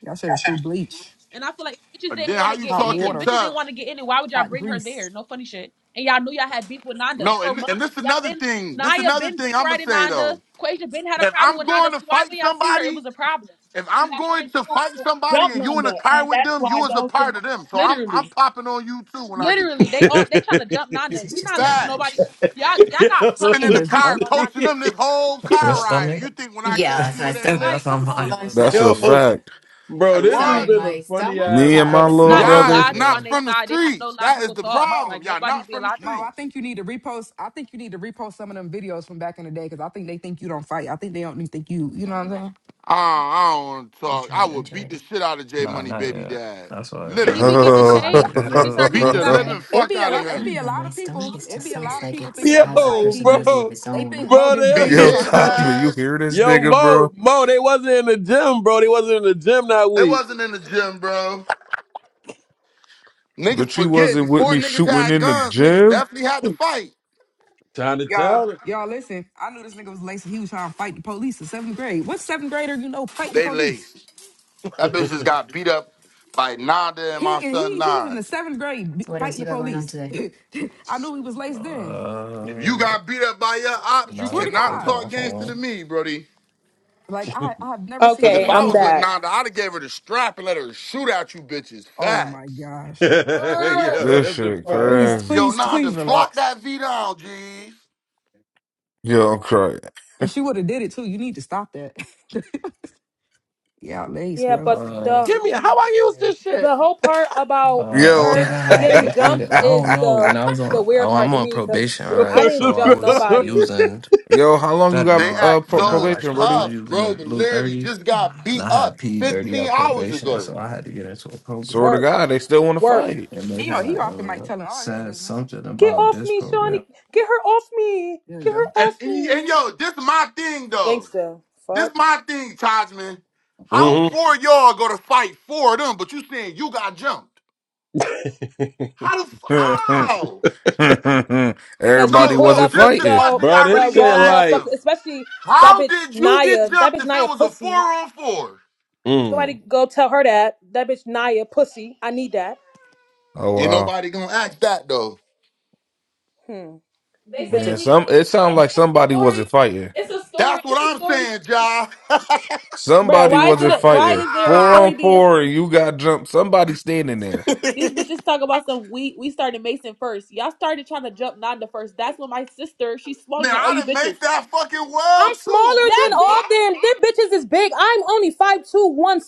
M: Y'all should have threw bleach,
F: And I feel like if bitches
K: But
F: didn't
K: then
F: want
K: how
F: to
K: you
F: get
M: hot
F: any. If
K: talking
M: water,
F: bitches didn't
K: tough?
F: want to get any, why would y'all
M: hot
F: bring her
M: grease.
F: there? No funny shit. And y'all knew y'all had beef with Nanda
K: No,
F: for
K: and and
F: months.
K: this
F: Y'all
K: another
F: been
K: thing. This
F: Naya
K: another
F: been
K: thing
F: dick
K: I'ma
F: riding
K: say
F: Nanda.
K: though.
F: Quasia been had a
K: If
F: problem
K: I'm
F: with Nanda.
K: going
F: So
K: to
F: why
K: fight
F: when y'all see her, it
K: somebody,
F: was a problem.
K: if
F: And
K: I'm
F: y'all
K: going
F: tried
K: to fight
F: to
K: somebody
F: jump
K: and you in a
F: Nanda,
K: car
F: and
K: with
F: that's
K: them,
F: why
K: you
F: the
K: is a
F: whole shit
K: part
F: happened.
K: of them. So I'm I'm
F: Literally,
K: popping on you too when I get you.
F: literally, they all they trying to jump Nanda.
C: (laughs)
F: We not letting nobody.
K: Facts.
F: Y'all y'all got
K: You've been
M: Seen
K: in
F: hundreds
K: the
F: of
M: this,
F: pounds
K: car
M: bro.
F: on Nanda.
K: coaching
C: yo.
K: them this
C: (laughs)
K: whole
A: That's your
K: car ride, and
A: stomach?
K: you think when I catch you
A: (laughs)
K: it ain't
A: That's
F: Like,
K: lit?
A: how
F: come on.
A: mine Lunch was
C: (laughs)
N: That's a
A: earlier.
C: Yo,
N: fact.
C: bro,
K: Like
C: this has
K: what?
C: been a funny
N: Me
C: ass
N: and my
F: It's
C: couple
N: little
F: not no
M: Mo,
C: days,
K: Y'all
N: brother.
K: is
F: logic
K: not
F: on
C: bro.
F: their
K: from the
F: side. They have no
K: streets. That is
F: logical
K: the
F: thoughts.
M: Mo,
K: problem.
F: Like
K: Y'all
F: nobody's
K: not
F: being
K: from the
M: Mo. I
F: logical.
K: streets.
M: think you need to repost. I think you need to repost some of them videos from back in the day because I think they think you don't fight. I think they don't think you. You know
F: And
M: what I'm saying?
K: Uh, I don't want to talk. I would beat the shit out of J
A: Nah,
K: Money
A: not
K: Baby
A: yet.
K: Dad.
A: That's why
F: he
A: mine
F: be
K: Literally.
A: probably
F: getting
N: Uh, (laughs)
A: sound
F: chased.
A: like
N: yo,
A: that
F: I just
A: too.
F: heard he
K: Beat
F: just
K: the
F: got chased.
K: living
M: It
K: fuck
M: be a
K: out of
M: lot. It be a
K: him.
M: lot of people.
F: Fuck.
M: It be a lot of people thinking that boy like
C: Yo,
M: he just.
C: bro,
M: They think Mo this
C: bro,
M: big
K: Beat
M: and
C: they
M: talk
K: his
M: about
C: (laughs)
N: Tajman, you
K: ass.
N: hear this
C: yo,
N: nigga,
C: Mo,
N: bro?
C: Mo, they wasn't in the gym, bro. They wasn't in the gym that
K: It
C: week.
K: wasn't in the gym, bro. Niggas
N: But you
K: forget
N: wasn't with
K: before
N: me
K: niggas
N: shooting
K: had
N: in the
K: guns, niggas
N: gym?
K: definitely had to fight.
C: Time to
M: Y'all,
C: tell it.
M: y'all listen. I knew this nigga was laced. He was trying to fight the police in seventh grade. What seventh grader you know fighting the
K: They
M: police?
K: laced.
C: (laughs)
K: That bitch just
C: yo,
K: got beat up by Nada and
M: He
K: my
M: and
K: son
M: he he's in
K: Nine.
M: the seventh grade b- fighting the police. (laughs) I knew he was laced then.
K: If you
A: Uh,
K: got beat up by your ops, you
M: Swear
A: nah,
M: to
A: probably
K: cannot
M: God,
K: talk
A: going for
K: gangster
A: one.
K: to me, Brody.
M: like I I have never seen
K: Cause
M: that
K: if
B: Okay,
M: in my
K: I
B: I'm
K: was with
M: life.
B: back.
K: Nanda, I'd have gave her the strap and let her shoot at you bitches.
M: Oh my
K: Facts.
M: gosh!
N: This
C: what the
N: shit
C: fuck?
B: Word
M: Please,
B: up.
N: crazy.
K: Yo,
M: please,
K: Nanda,
M: please
K: flock
M: relax.
K: that V down, G.
N: Yo, I'm crying.
M: And she would have did it too. You need to stop that. (laughs) yeah, laced,
B: Yeah,
M: bro.
B: but
A: Uh,
B: the
C: Give me how I use this shit.
B: the whole part about
A: uh, I
N: Yo.
B: her
A: think I had
B: getting
A: looked at
B: jumped
A: it. I don't
B: is
A: know
B: the
A: when
N: (laughs)
A: I was
B: the
A: on.
B: weird
A: Oh,
B: part
A: I'm
B: to
A: on
B: me
A: probation,
C: (laughs)
B: because
C: Yo,
B: I
A: right?
C: what
B: didn't
A: So I
B: jump
A: was
C: the fuck?
B: nobody.
A: using
N: Yo, how long you got
K: They
A: fentanyl,
N: uh
K: act
N: pro-
A: but
K: so
A: not like
N: probation,
A: for. I
N: Brody?
A: was
K: tough,
A: using the
K: bro, but
A: blue
K: literally
A: thirties,
K: just got
A: and
K: beat
A: I
K: up
A: had P dirty
K: 15
A: at
K: hours
A: probation,
K: ago.
A: so I had to get into a
N: Swear
A: program.
N: to
B: Worked,
N: God, they still want to
B: worked.
N: fight.
A: and they
M: You know
A: had
M: he off the mic
A: uh,
M: telling all his
A: said
M: business.
A: something
B: Get
A: about
B: off
A: this
B: me, Shawnee.
A: program.
B: Get her off me.
M: There you
B: Get
M: go.
B: her off
K: And, and,
B: me.
K: and yo, this my thing though.
B: gangster.
K: This
B: Fuck.
K: my thing, Tajman. How
C: Mhm.
K: four of y'all go to fight four of them, but you saying you got jumped?
C: (laughs)
K: How the f- how?
N: (laughs)
B: Because she
N: Everybody
K: No,
B: pulled
K: no.
N: wasn't
B: up
K: This
B: with
K: the
N: fighting.
B: the
K: question
C: bro,
K: y'all
C: this
K: really
B: the
K: need to
C: shit
B: wrong
K: ask
C: like,
K: them.
B: motherfucker, especially that
K: How
B: bitch
K: did you get
B: Naya. That
K: jumped
B: bitch
K: if it
B: Naya
K: was a four
B: pussy.
K: on four?
B: Somebody
C: mm.
B: go tell her that. That bitch Naya pussy. I need that.
N: Oh
K: Ain't
N: wow.
K: nobody gonna ask that though.
B: Hmm. They These say bitches.
N: Man,
B: we-
N: some it sounds like somebody wasn't fighting.
B: it's-
K: That's what I'm saying, y'all. (laughs)
B: Bruh,
N: Somebody
B: why is it?
N: wasn't
B: A, why
N: fighting.
B: is there a
N: Four
B: story
N: on
B: being?
N: four, and you got jumped. Somebody standing there.
B: These bitches talk about some. We we started Mason first. Y'all started trying to jump Nanda first. That's when my sister. She's smaller
K: Man,
B: than all
K: I
B: you
K: done made
B: bitches.
K: that fucking
B: I'm
K: world too.
B: smaller Yeah,
K: What
B: than That
K: the
B: all
K: fuck?
B: bitch. them. Them bitches is big. I'm only five two one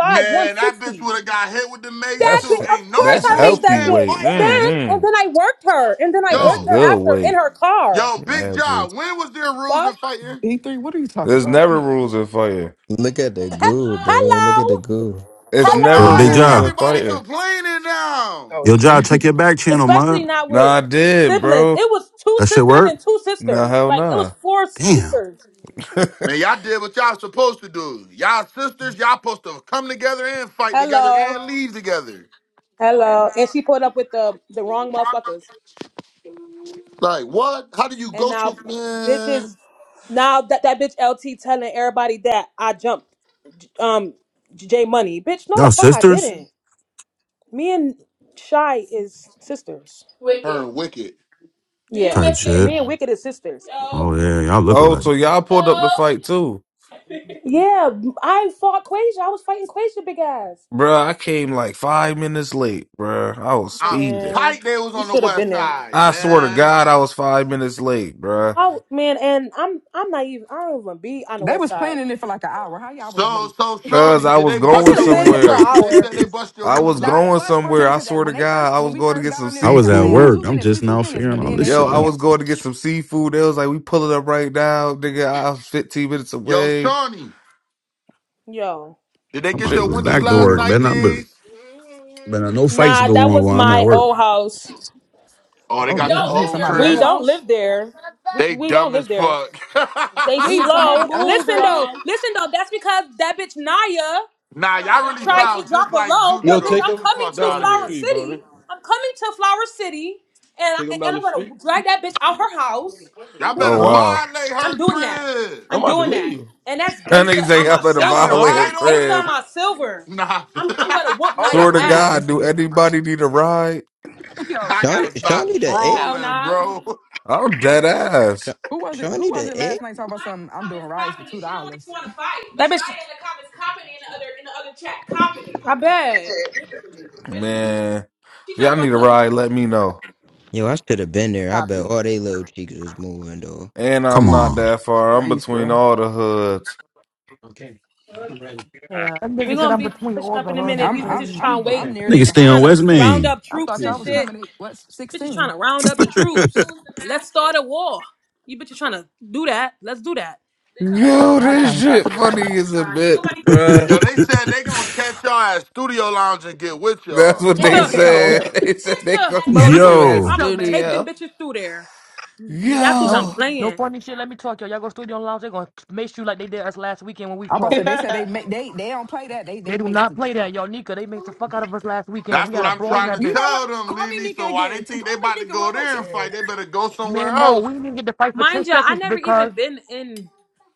K: Man, that bitch
B: 160.
K: would have got hit with the mace
B: That bi-
N: That's
K: too. Ain't
B: of course
K: no
N: that's
B: I make
K: rules
N: healthy
B: that
K: in
B: bitch.
N: weight.
B: And then
K: fighting.
B: and
N: hmm
B: then I worked her. And then I
N: That's
B: worked
K: Yo,
B: her
N: good
B: after in
N: weight.
B: her car.
K: yo, Big
N: Andrew.
K: Job, when was there rules in
B: Fuck.
K: fighting?
M: E three, what are you talking
N: There's
M: about?
N: never rules in fighting.
D: Look at the
B: He-
D: goo, bro. Look at the
B: Hello.
D: goo.
N: It's
K: So
G: Yo,
N: never
K: why
G: Big
K: is
B: Hello.
N: rules
G: Job.
N: of
K: everybody
N: fighting.
K: complaining now?
M: Oh
G: Yo, Job, check
M: shit.
G: your back channel, man.
B: Especially not with
N: Nah, I did,
B: siblings.
N: bro.
B: It was two
G: That shit
B: sisters
G: work?
B: and two
N: Nah,
B: sisters.
N: hell
B: Like it was
N: nah.
B: four
G: Damn.
B: sisters.
K: Man,
N: (laughs)
K: y'all did what y'all supposed to do. Y'all sisters, y'all supposed to come together and fight together
B: Hello.
K: and leave together.
B: Hello. And she pulled up with the the wrong motherfuckers.
K: Like what? How do you
B: And
K: go so
B: now bitches
K: man?
B: now that that bitch LT telling everybody that I jumped um J Money. Bitch, no the
G: Y'all
B: fuck I
G: sisters?
B: didn't. Me and Shy is sisters.
K: Her
B: Wicked.
K: and Wicked.
B: Yeah.
G: Type
B: wicked.
G: shit.
B: Me and Wicked is sisters. Yo.
G: Oh, yeah. Y'all look
N: oh,
G: alike.
N: so y'all pulled up
B: Yo.
N: the fight too.
B: Yeah, I fought Quasia. I was fighting Quasia big ass.
N: Bruh, I came like five minutes late, bruh. I was
K: I'm
N: speeding.
B: Man,
K: tight they was
B: you
K: on the
B: should have
K: west
B: been there.
K: side,
N: I swear to
K: man.
N: God, I was five minutes late, bruh.
B: Oh man, and I'm I'm not even I don't even be
M: (laughs)
B: on the
M: they
B: west
M: was
B: side.
M: planning it for like an hour. How y'all was
K: So
M: late?
K: so
N: Cause
K: Shawnee,
N: I
K: did
N: was
K: they
B: Have
G: (laughs)
K: bust
N: going
B: been
K: your
B: planning it
K: windows
B: for an
K: out?
N: somewhere.
K: Cause they
B: hour.
K: said they bust your
N: I was
K: windows
M: Nah,
K: out.
M: it
N: going
M: was for a
N: somewhere.
M: minute
N: I
M: because
N: swear
M: when
N: to
M: they
N: God,
M: first
N: I
M: when
N: was
M: we
N: going to
M: first
N: get
M: got
N: some
M: on there,
G: I
M: they
G: was
M: kept
G: at
M: saying we
N: seafood.
M: two
G: work. I'm
M: minutes, we
G: just
M: two
G: now
M: minutes,
G: figuring
M: but
G: all
M: then
G: this
M: they
N: Yo,
G: shit
M: they
N: I
G: out.
N: was
M: kept
N: going to get some seafood. They was like, we pulling up right now, nigga. I was 15 minutes
K: Yo,
N: away.
K: Shawnee,
B: Yo.
K: did they
G: I'm
K: get
G: about
N: Shit
G: to
K: your
G: go
N: was
K: windows
G: back
N: going
G: to
K: last
N: on.
G: work.
K: night,
G: Better not, but
K: G's?
G: better no fights
B: Nah,
G: go
B: that
G: on
B: was
G: while I'm at
B: my
G: work.
B: old house.
K: Oh, they
M: oh
B: We
K: got
M: damn,
K: your
B: don't
M: they
B: live
M: hit
K: old
B: there no
M: somebody
B: We
M: else's
B: more.
K: crib.
B: don't
M: house,
B: live there. We,
K: They
B: we don't
K: dumb as
B: live there.
K: fuck.
B: They
M: they
B: We
M: hit
B: been slow.
M: somebody
B: been moved
M: else's
B: Listen
K: (laughs)
M: crib.
B: though, on. listen though. That's because that bitch Naya
K: nah,
B: Trying to
K: y'all
B: drop a
K: really
B: tried to low.
K: sound just
B: drop a
K: like
B: low,
K: Juju
C: yo,
B: but bitch,
K: though.
C: take
B: I'm
K: Get the
C: them
B: coming
K: fuck
B: to
C: down
K: out
C: the
K: of
B: Flower
K: here.
C: street, bro.
B: City. I'm coming to Flower City, and I,
C: Take them down
B: and
C: the
B: I'm gonna
C: street,
B: drag that bitch out her house.
K: Y'all
B: I'm doing
N: Oh,
K: better
C: huh?
B: that.
N: wow.
K: violate
B: I'm
K: her
B: doing that.
K: crib.
C: I'm
B: I'm
C: about to
B: doing that.
C: leave.
B: And that's
N: That
B: gangsta
N: nigga
B: on
N: say
B: my
N: I'm at a
K: Y'all need a
B: silver.
C: Huh?
B: And
N: violator
K: ride
B: that's
K: over
B: gangsta on
N: crib.
B: my silver.
K: there? Nah. (laughs)
B: I'm I'm gonna whoop
M: Mo
B: Naya
M: is
N: Swear
M: the
N: to
M: biggest
B: ass.
N: God, do
M: instigator, bro.
N: anybody need a ride?
M: (laughs) Yo,
K: I
M: shut.
D: Shawnee,
K: gotta stop
D: Shawnee the egg?
B: Hell
K: trolling,
B: nah. Naya in the
K: bro. (laughs)
N: I'm dead
D: Sha-
N: ass.
M: Who was it? Who
D: Shawnee
M: was
D: the
M: it
D: egg?
M: last night talking about something? I'm doing
B: comments
M: rice for
B: copying
M: two
B: it. She don't even
M: dollars.
B: want to
M: (laughs)
B: fight. That bitch. Naya in the comments copying it in the other in the other chat. Copying it. I bet. Bitch,
N: Man, if
B: she talking
N: y'all
B: about
N: need a
B: some
N: ride, let me know.
D: Yo, I should have been there. I bet
B: Copy.
D: all they little cheeks was moving, though.
N: And
G: Come
N: I'm not
G: on.
N: that far. I'm
M: Nice,
N: between
M: bro.
N: all the hoods.
B: Yeah.
O: (laughs)
L: That
B: We
L: nigga said
B: gonna
L: I'm
B: be
L: between
B: pushing
L: all
B: up
L: the
B: in a
L: hubs and
B: minute.
M: I'm
B: These
M: I'm
B: bitches
L: crazy.
B: trying
M: I'm
B: to wait.
M: I'm
B: These
M: nearly
G: Nigga
B: bitches
G: stay
M: behind
G: on
B: trying to
G: West
B: round
G: Main.
M: sixteen.
B: up
M: I
B: troops
M: thought
B: and
M: y'all was
B: shit.
M: coming at what
B: Bitches trying
M: sixteen?
B: to round up the troops. Let's start a war. You bitches trying to do that. Let's do that.
M: Or y'all finna,
N: Yo,
M: y'all trying
N: this
M: to die
N: shit
M: for real,
N: funny as a bitch,
B: Nobody.
G: (laughs)
K: Yo,
N: bruh.
K: they said they gonna catch y'all at Studio Lounge and get with y'all.
N: That's what they
M: bro? (laughs)
B: Tuh.
M: Yo,
N: said. (laughs) They said they
B: Tuh.
N: gonna
H: Bo,
N: get
H: you
B: I'ma
N: you
H: you
N: at
G: Yo,
B: I'ma
H: so
B: take
H: messy.
B: them
N: studio.
B: bitches through there. Y- y'all think
L: Don't
B: I'm
N: Yo.
L: no
B: playing?
L: funny shit. Let me talk to y'all. Y'all go studio lounge. They gonna make you like they did us last weekend when we
M: I'm about to
L: fought.
M: say they said they make they they don't play that. They
L: They
M: they
L: do
M: make
L: not play that, yo. Nika, they made the fuck out of us last weekend.
K: That's
L: We
K: what
L: had a
K: I'm
L: brawl in
K: trying to
L: that
M: You
L: bitch.
M: know what?
K: tell them,
M: Call me
K: Lily.
M: Nika
K: So why they
M: again. T-
K: think
M: Call
K: they
M: me
K: about to
M: Nika
K: go
M: one more
K: there and
M: time.
K: fight, they better go somewhere
L: Man, Mo,
K: else.
L: we didn't even get to fight for
B: Mind
L: 10
B: y'all, I
L: seconds
B: never even
L: because
B: been in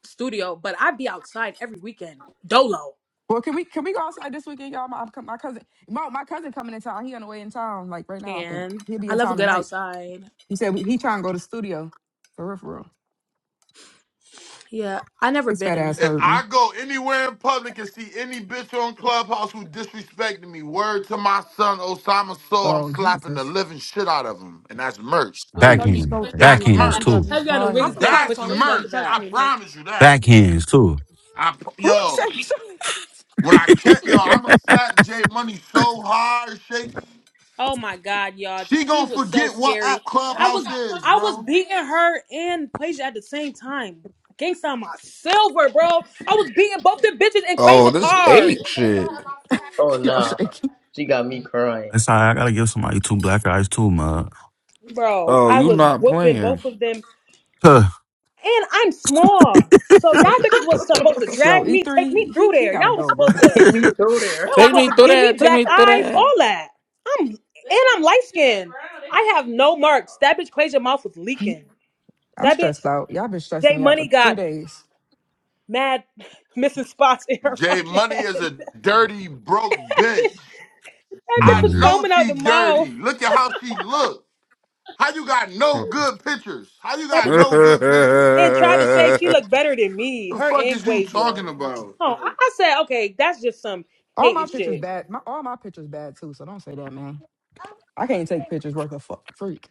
B: studio, but I be outside every weekend. Dolo.
M: (laughs) well, can we can we go outside this weekend, y'all? My, I'm- my cousin, my, my cousin coming in town. He on the way in town, like right now. I think
B: Can
M: he'll be
B: I
M: in
B: love a
M: town
B: good
M: tonight.
B: outside?
M: He said he trying to go to the studio for real, for real.
B: Yeah, I never
M: His fat
B: been.
M: ass
K: If
M: heard
K: I
M: me.
K: go anywhere in public and see any bitch on Clubhouse who disrespected me, word to my son Osama Soul, I'm
M: Oh
K: slapping the
M: Jesus,
K: living shit out of him. And that's merch.
L: I know you
M: Jesus
G: backhand,
L: so
M: Christ.
K: That's
L: serious, cuz.
G: backhands
L: You
K: merch.
L: got
G: too,
L: me
B: Taviana
L: crying.
H: I'm
B: wigs
H: gonna
B: getting
H: call the
K: That's
B: pushed the
H: police you
B: fuck
K: merch.
H: touch
B: back.
K: I
H: me, bitch.
K: promise you that.
G: backhands too.
K: I pro-
M: Ooh,
K: yo,
M: shaky, shaky.
K: when I can't yo, I'ma slap J Money so hard, shaky.
B: Oh my god, y'all,
K: She
B: she
K: gonna
B: was so
K: forget what
B: scary.
K: app
B: I was
K: Clubhouse is,
B: I was
K: bro.
B: beating her and Quasia at the same time. Gangsta on my silver, bro. I was beating both the bitches in
N: Oh,
B: Quasia's
N: this
B: car.
N: ape shit.
O: Oh
M: (laughs) yo,
O: nah,
M: shaky.
O: she got me crying.
G: That's how I gotta give somebody two black eyes too, man.
B: Bro,
N: Oh,
B: I
N: you
B: was
N: not
B: whooping
N: playing.
B: both of them.
G: Huh,
B: And I'm small. So y'all bitches was supposed to
O: (laughs)
M: Yo,
B: drag
M: E
B: me, take me
M: three, he
B: through
M: he
B: there.
M: gotta
B: Y'all was
M: go,
B: supposed
M: bro.
B: to
O: Hit me through
B: y'all
O: there.
B: was
O: (laughs)
N: Take
B: supposed
N: me
B: to
N: through
B: give me
N: that. Take
B: black
N: me through
B: eyes, all
N: that.
B: that. I'm and I'm light skinned. I have no marks. That bitch Quasia mouth was leaking.
M: I'm
B: That bitch,
M: stressed out. Y'all been stressing
B: Jay
M: me out
B: Money
M: for three
B: got
M: days.
B: mad (laughs) missing spots in her
K: J
B: fucking
K: Money
B: head.
K: is
B: (laughs)
K: a dirty, broke bitch.
B: That
G: come
B: bitch
K: I
G: on
B: was
G: here.
K: know
B: foaming out
K: she
B: the mouth.
K: dirty. Look at how she look. How you got no good pictures? How you
N: (laughs)
B: That
K: got
N: nah,
B: bitch was
K: no good pictures?
B: and tried to say she looked better than me,
K: The
B: her
K: fuck
B: and
K: is you
B: Quasia.
K: talking about?
B: Oh, I, I said, okay, that's just some
M: All my
B: hating
M: pictures
B: shit.
M: bad. My all my pictures bad too. So don't say that, man. I can't take pictures worth a fu- freak.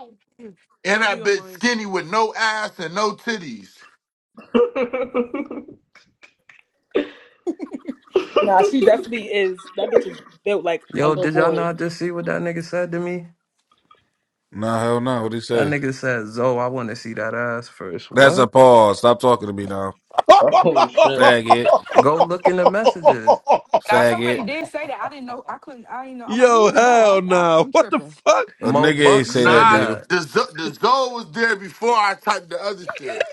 H: Mm.
K: And
H: No
K: that
H: ego
K: bitch
H: minds.
K: skinny with no ass and no titties.
B: Nah, she definitely is. That bitch is built like a
A: Yo,
B: little
A: did y'all
B: boy.
A: not just see what that nigga said to me?
N: hell no. What'd he
A: That
N: say?
A: nigga said, Zo, I want to see that ass first."
N: That's a
A: What?
N: pause. Stop talking to me now.
O: Oh shit.
N: Faggot.
A: Go look in the messages.
M: Now
C: (laughs)
M: somebody
N: Faggot.
M: did say that. I didn't know. I couldn't. I didn't know. I'm like, who
C: Yo,
M: is Zoe? I,
C: hell
M: I
C: no.
M: I'm
C: What the
M: tripping.
C: fuck?
N: A
A: Mo
N: nigga ain't
A: Buck
N: say that
A: said
N: to
K: Nah,
N: you.
A: that.
K: the, Z- the Zoe was there before I typed the other shit.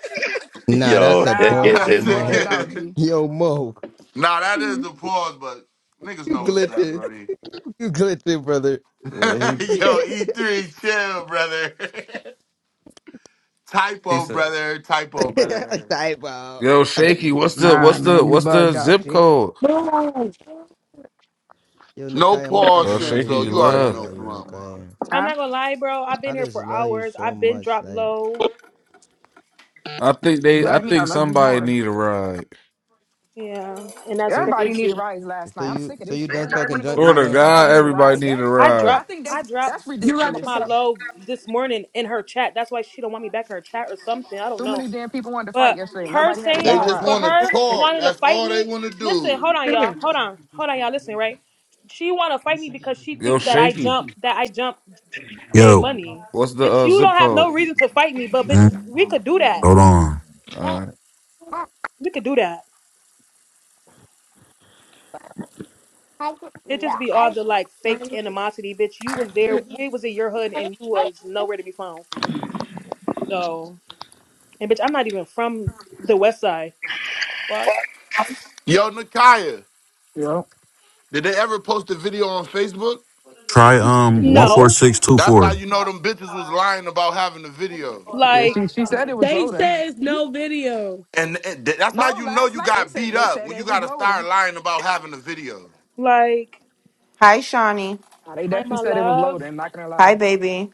D: Nah, that's
C: Yo,
D: a
C: (laughs)
M: Nah,
D: pause,
C: it's,
M: bro,
K: That's
M: you
C: it's
D: Mo.
M: bugged out,
C: crazy.
K: it.
M: G.
D: Yo, Mo.
K: (laughs) nah, that
D: You
K: is the pause, but niggas know what's up,
D: glitching.
K: buddy.
D: You glitching, brother.
K: (laughs)
A: Yeah, he
K: Yo, E3, chill, brother. (laughs)
A: he
K: Typo,
A: said.
K: brother. Typo,
D: (laughs)
K: brother.
D: Type out.
N: Yo, Shaky, what's the
M: Nah,
N: what's the
M: man, you
N: what's the
M: bugged out,
N: zip
M: G.
N: code?
H: No.
D: Yo,
K: No
D: Nakaya, my
K: Paul
D: heart
N: Oh,
D: belong
K: shits
D: to
N: Shaky,
D: you,
K: though.
N: you
K: You
D: baby.
K: already
D: I
N: love.
K: know,
D: love you,
K: Mama.
D: Nakaya.
B: I'm
M: Huh?
B: not gonna lie, bro. I've
D: I
B: been here
D: just
B: for
D: love you
B: hours.
D: so
B: I've been
D: much.
B: dropped
D: Like,
B: low.
N: I think
M: You
N: they I
M: love me.
B: Like,
M: I
N: think
M: love you
N: somebody
M: more.
N: need a ride.
B: yeah, and that's
D: so,
M: Everybody needed
B: crazy.
M: rides last
D: so
M: night. I'm
D: you,
M: sick of
D: so
M: this
D: you
M: shit.
D: done
M: Everybody want
D: talking
M: to go
D: junk to me
N: Sort
M: fight.
N: of
D: now?
M: Everybody
N: God,
M: need a ride.
N: everybody need
M: That
N: a
B: I
N: ride.
M: I
B: dropped
M: think
B: I
M: that's
B: dropped
M: that's
H: You got
B: m-
H: your
B: my
M: ridiculous.
H: cup.
B: low this morning in her chat. That's why she don't want me back in her chat or something. I don't
M: Too
B: know.
M: many damn people wanted to fight
B: But
M: yesterday. and
B: her
M: Nobody had
K: They
M: a
B: saying,
H: Bye,
K: just
H: bro.
B: but
M: ride.
K: want to
H: (laughs)
B: her
H: That's it.
K: talk.
B: wanting to
K: That's
B: fight
K: all they
B: me.
K: want to
B: Listen,
K: do.
B: hold on,
H: Come
B: y'all.
H: here.
B: Hold on, hold on, y'all. Listen, right? She want to fight me because she
N: Yo,
B: think that I
N: Shaky,
B: jump, that I jump, J
G: Yo,
B: Money.
N: what's the
B: Bitch,
N: uh,
B: you
N: zip
B: don't have
N: code?
B: no reason to fight me, but bitch,
G: mm,
B: we could do that.
G: hold on.
N: Uh,
B: We could do that. It just be all the like fake animosity, bitch. You was there. We was in your hood, and you was nowhere to be found. So. And bitch, I'm not even from the West Side. Fuck.
K: Yo, Nakaya,
M: Yep.
K: did they ever post a video on Facebook?
G: Try um one
M: Nope.
G: four
B: No.
G: six two
K: That's how
G: four.
K: you know them bitches was lying about having the video.
M: Yeah,
B: Like,
M: she she said it was
H: They
M: loading.
H: says no video.
K: And, and th- that's
M: No,
K: how you know
M: last
K: you
M: night they
K: got
M: said
K: beat
M: they
K: up
M: said
K: when you
M: it was
K: got to
M: loading.
K: start lying about having a video.
B: like,
P: Hi, Shawnee.
M: Nah, they
B: hi,
M: definitely
B: my
M: said it was
B: love.
M: loading. Not gonna
P: Hi,
M: lie,
P: baby.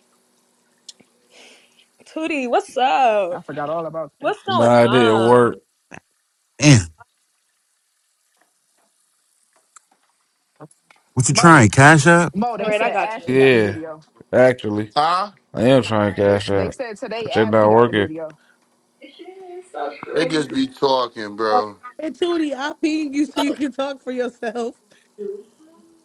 B: Tootie, what's up?
M: I forgot all about that.
B: What's going
N: nah, it didn't
B: on?
N: work.
G: Man, what you
M: Mo,
G: trying? Cash app?
M: Mo,
B: All
M: they
B: right, I
M: said
B: got you.
M: Ashley got the
N: Yeah,
M: video.
N: actually.
K: Huh?
N: I am trying to
M: They
N: cash
M: they
N: out.
M: said today
N: But they not
M: Ashley got the
N: working.
M: video.
K: They just be talking, bro.
H: And Tootie, I ping you so you can talk for yourself.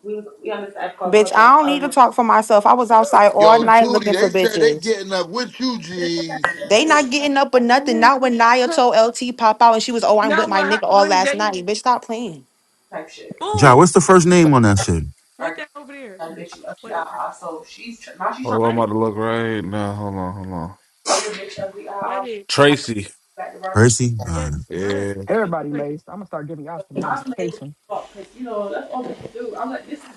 B: We was we on this app called
P: Bitch,
B: Clubhouse.
P: I don't
B: I
P: need
B: don't
P: to
B: know
P: talk for myself. I was outside all
K: Yo,
P: night
K: Tootie,
P: looking for
K: they said they
P: bitches.
K: getting up with you, G's.
P: They not getting up or nothing. Not when Nia told LT pop out and she was, oh, I'm with
H: Not
P: my
H: when her,
P: nigga all
H: when
P: last night.
H: they
P: Bitch, stop playing.
B: type shit.
G: Ja,
H: boo.
G: what's the first name on that shit?
H: What
B: Arguing
H: that over there?
B: that bitch ugly eye.
H: Wait,
B: eye. So she's tr- now she's trying
N: Oh,
B: to
N: I'm
H: what?
N: about to look right now. Hold on, hold on.
B: tell the bitch ugly eye. eye,
H: Wedding,
N: Tracy.
B: Back to Russia.
G: Percy. Uh,
H: Yes, go
N: Yeah.
H: ahead. You can just
M: Everybody
H: like
M: laced. I'm gonna start giving y'all some
B: I'm mad as
M: medication.
B: fuck because you know that's all we can do. I'm like this is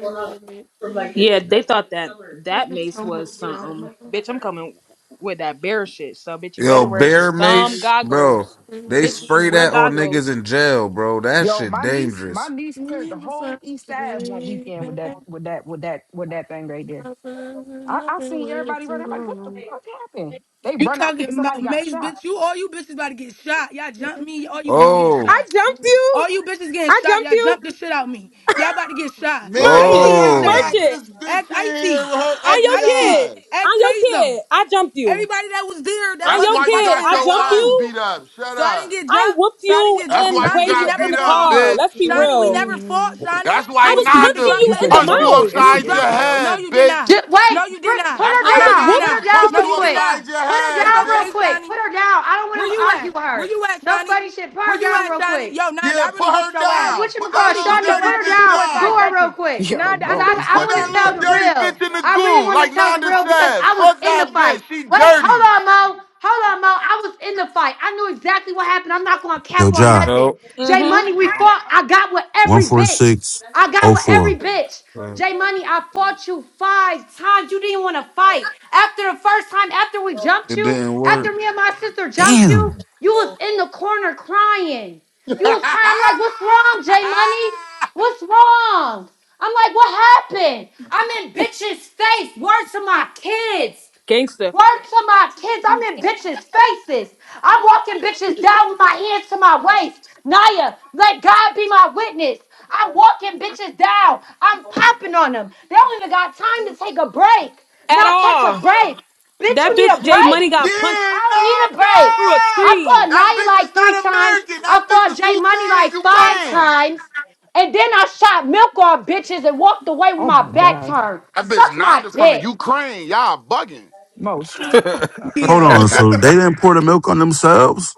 B: going on. Yeah, they thought that
H: This
B: that
H: is
B: mace
H: so
B: was
H: much
B: something.
H: drama.
B: Bitch, I'm coming with that bear shit. So, bitch, you
N: Yo,
B: better wear
N: Bear
B: some
N: Mace, bro.
B: goggles.
H: And
N: They
H: then
B: Bitch,
N: spray
B: wear
H: um,
N: that on niggas
B: goggles.
N: in jail, bro. That
M: Yo,
N: shit
M: my niece, my
N: dangerous.
M: niece cleared the
H: it was
M: whole
H: like,
M: East Ave one
H: baby,
M: weekend with that,
H: I
M: with that, with that, with that thing right there.
H: was
M: I, I
H: nothing
M: seen
H: way
M: everybody running.
H: too
M: I'm like, what the
H: long.
M: fuck happened? They
Q: He
M: run out thinking
Q: talking
M: somebody
Q: about
M: got
Q: maze,
M: shot.
Q: bitch. You all you bitches about to get shot. Y'all jump
H: It
Q: me. All you bitches
H: was
Q: getting
H: like,
N: Oh,
B: I
Q: shot.
B: jumped you.
Q: All you bitches getting
B: I
Q: shot.
B: jumped
Q: Y'all
B: you.
Q: jump the shit out me. Y'all about to get shot.
K: Man,
B: Merch
K: why
Q: Icy
B: it.
Q: even
K: y'all
Q: said
N: oh.
B: Merch
Q: it.
K: got
B: it.
K: this
Q: Ex
K: bitch in here
Q: Icy,
K: with her
B: I'm
Q: ex
K: ugly
B: your
Q: Icy,
B: kid.
K: eyes?
Q: ex
B: I'm your
Q: Tazo.
B: kid. I jumped you.
Q: Everybody that was there that
B: I'm
K: That's
B: your
Q: wasn't
K: why you
Q: fighting
B: kid.
K: got
B: I
K: your
Q: at
B: jumped
K: eyes
Q: told.
B: you.
K: beat up. Shut
Q: So I didn't
K: up.
Q: get
B: I
Q: jumped.
B: whooped
Q: So I didn't
B: you
Q: get
K: That's
Q: jumped.
K: why
B: and
K: you
Q: Shawnee, we
B: Quasia
K: got
Q: never
B: in
K: beat
B: the
K: up,
Q: fought.
B: car.
H: nothing
K: bitch.
B: Let's be
H: way too
Q: Shawnee, we
B: real.
Q: never fought.
H: long.
Q: Shawnee,
K: That's
Q: you
K: why
B: I
Q: was
B: was
Q: scared to
B: punching
K: Nanda
Q: drop
B: you
M: This
Q: that
B: in
M: nigga
B: the
K: punched
Q: maze.
M: Mo
K: you
M: is an
B: mouth.
Q: You was
K: upside your
Q: drop
M: instigator,
Q: this.
M: yo.
Q: No,
K: head,
Q: you did
K: bitch.
Q: not.
R: Just wait.
Q: No, you did
R: Br-
Q: not.
R: Put
K: That's
R: her
B: I
K: why
Q: No,
B: was
Q: you
R: down.
Q: did
R: Put
K: Nanda
R: her
Q: not.
B: whooping.
R: down
Q: No,
K: punched
R: real
K: you
Q: you did
R: quick.
Q: not.
K: upside your
R: Put her
Q: It's
K: head,
R: down real
K: bitch.
Q: okay,
R: quick.
Q: Shawnee.
R: Put her down. I don't
Q: Where
R: want to
Q: you
R: argue
Q: at?
R: with
Q: Where
R: her.
Q: you at,
R: No
Q: Shani?
R: funny shit. Put
Q: Where
R: her
Q: you
R: down
Q: at,
R: real
Q: Shani?
R: quick.
Q: Yo, Nanda,
K: Yeah,
Q: I
K: put
Q: really whooped
K: her
Q: your
R: Uh,
Q: ass.
K: down.
R: what you
K: Put
Q: I
K: that
R: call
Q: really
K: little
Q: whooped
R: Shawnee?
Q: your
R: Put
K: dirty
Q: ass
R: her
Q: in
K: bitch
R: down.
Q: 2.5
R: Go her
K: down.
R: real
Q: seconds.
M: (laughs)
R: quick,
M: Yo,
Q: Nanda, I
R: cause
Q: threw
M: Mo
R: I
M: is
R: I
K: Put
R: want
M: fucking
K: that
R: to tell
K: little
R: the
M: incredible.
K: dirty
R: real.
K: bitch in the
R: I really
K: goo,
R: want to
K: like
R: tell the
K: Nanda
R: real because
K: said.
R: I was
K: Fuck
R: in the
K: that
R: fight.
K: bitch. She
R: Wait, hold
K: dirty.
R: on, Mo. Hold on, Mo. I was in the fight. I knew exactly what happened. I'm not gonna
G: yo,
R: cap on
G: Ja,
N: Yo,
R: nothing. J
B: Mm-hmm.
R: Money, we fought. I got with
G: one
R: every
G: four
R: bitch.
G: six
R: I got
G: oh
R: with
G: four.
R: every bitch.
N: uh,
R: J Money, I fought you five times. You didn't want to fight. After the first time, after we jumped
N: it
R: you,
N: didn't work.
R: after me and my sister jumped you,
G: Damn.
R: you was in the corner crying. You was crying. I'm like, what's wrong, Jay Money?
K: (laughs)
R: What's wrong? I'm like, what happened? I'm in bitch's face. Words to my kids.
B: Gangster.
R: Word to my kids, I'm in bitches' faces. I'm walking bitches down with my hands to my waist. Naya, let God be my witness. I'm walking bitches down. I'm popping on them. They don't even got time to take a break,
B: At
R: not catch a
B: all.
R: break. Bitch,
B: That
R: you need
B: bitch
R: a
B: Jay Money
R: break?
B: got punched
K: Yeah,
R: I don't
K: no,
R: need a break.
B: through a
K: no.
R: I
B: tree.
R: fought
K: That
R: Naya
K: bitch
R: like
K: is
R: three
K: not
R: times.
K: American.
R: I
K: That bitch
R: fought
K: is
R: Jay Money
K: Ukraine,
R: like five
K: Ukraine.
R: times. And then I shot milk on bitches and walked away with
M: Oh
R: my
M: my
R: back
M: gosh.
R: turned.
K: That
R: Suck
K: bitch
R: my
K: Nanda from the
R: dick.
K: Ukraine. Y'all bugging.
M: Mo, shut the
N: (laughs)
M: fuck up.
G: Hold
K: (laughs)
G: on.
H: Yeah.
G: So
K: but
G: they didn't pour the milk on themselves?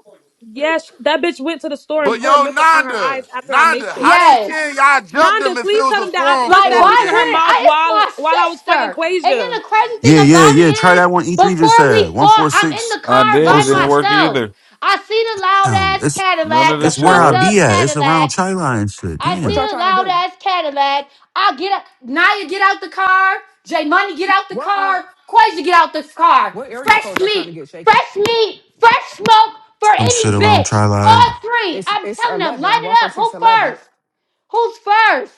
B: Yes, that bitch went to the store and poured
K: yo,
B: milk on her eyes
K: Nanda,
B: after I
K: Nanda,
B: maced her.
K: how they
R: Yes.
K: saying y'all jumped
B: Nanda,
K: them if it
B: please
K: was
B: tell
K: a
B: them
K: four
B: that I
K: on
B: punched
R: Like,
B: that
K: four
R: why
B: bitch in her
K: game?
R: wouldn't
B: mouth
R: I? It's
B: while
R: my
B: while I was fighting
R: sister. And then
B: Quasia.
R: the crazy thing
G: Yeah, yeah,
R: about
G: yeah. Try
R: it is,
G: that one. E three just
R: before we
G: said one
R: fought,
G: four
R: I'm in
G: six
R: the
N: I
R: car
N: did.
G: oh
R: by
N: It didn't
G: six.
N: work
R: myself.
N: either.
R: I see the loud
G: Damn,
R: ass
G: it's
N: None of
R: Cadillac,
N: this
R: the
G: It's
N: shit
G: where I
R: fucked
N: working.
G: be
R: up
G: at. It's
R: Cadillac.
G: around Chi Line and shit.
R: I
M: What
G: Damn.
M: y'all
R: see the
M: trying to
R: loud
M: do?
R: ass Cadillac. I get up. Naya get out the car. J Money get out the
M: What uh
R: car. Quasi get out the car.
M: what area
R: Fresh
M: code y'all trying to
R: meat,
M: get shaky?
R: fresh meat, fresh smoke for
G: Some
R: any
G: shit around
R: bitch.
G: Chi Line.
R: All three.
M: It's
R: I'm
M: it's
R: telling them, line
M: eleven,
R: it
M: one four
R: up.
M: six
R: Who
M: eleven.
R: first? Who's first?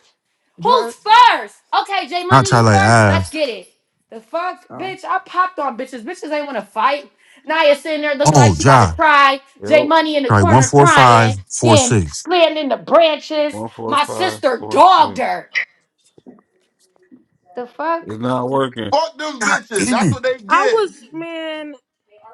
M: Did You
R: Who's
M: heard?
R: first? Okay, J
G: Not
R: Money,
G: Chi
R: you
G: Line
R: first.
G: Ave.
R: Let's get it. The fuck,
M: Oh.
R: bitch! I popped on bitches. Bitches ain't wanna fight. Naya sitting there looking like
G: Oh,
R: she about to
G: Ja.
R: cry. J
N: Yo,
R: Money in the
G: Probably
R: corner crying. Then
G: 14546.
R: playing in the branches.
N: one four
R: My
N: five
R: sister
N: four
R: dogged
N: six.
R: her. The fuck?
N: It's not working.
K: Fuck them
G: God
K: bitches.
G: damn
K: That's
G: it.
K: what they
B: I
K: get.
B: was man,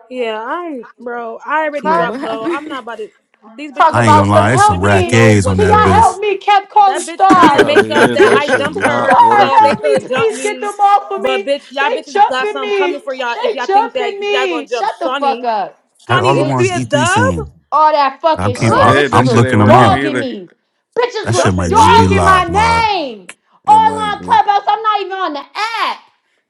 B: yeah, I'm bro. I already
M: Wait,
B: dropped
M: what
R: Fuck.
B: low.
M: happened?
B: I'm not about to. These
R: Talk
B: bitches
G: I
B: know
G: ain't gonna
R: about
B: what's
R: some
G: lie. It's
B: up. These
G: some
R: help
B: bitches
G: rack
R: me.
B: know
G: A's on
B: what's
R: Can
G: that
R: y'all
B: real.
R: help
G: bitch.
R: me? Kept calling
B: That bitch
N: It
B: trying to
R: Star.
B: make
N: probably
B: up
N: is.
B: that
N: That
B: I
N: shit
B: jumped
N: not
B: her
R: Star,
B: so they
N: working.
R: help me.
B: could jump
R: Please get
B: me.
R: them off of
B: But
R: me.
B: bitch, y'all
R: They
B: bitches got
R: jumping
B: something
R: me.
B: coming for y'all if
R: They
B: y'all think that
R: jumping
B: y'all
R: me.
B: gonna jump
R: Shut the fuck
B: Shawnee.
R: up,
G: Probably
B: Shawnee,
G: all the
B: you be
G: ones
R: bitch.
B: as
G: E3 saying.
B: dub?
R: All that
G: I
R: fucking
G: keep,
N: I
R: shit.
G: I,
B: What?
N: did.
R: Bitches
N: That
G: I'm
N: shit
R: was
N: ain't
G: looking them
N: working
G: up.
R: dogging
N: either.
R: me.
G: That
R: Bitches
G: shit
R: was
B: Jumping
G: might just be
B: me?
R: dogging my
G: locked, man.
R: name.
N: It
R: All
N: might
R: on
N: be.
R: Clubhouse. I'm not even on the app.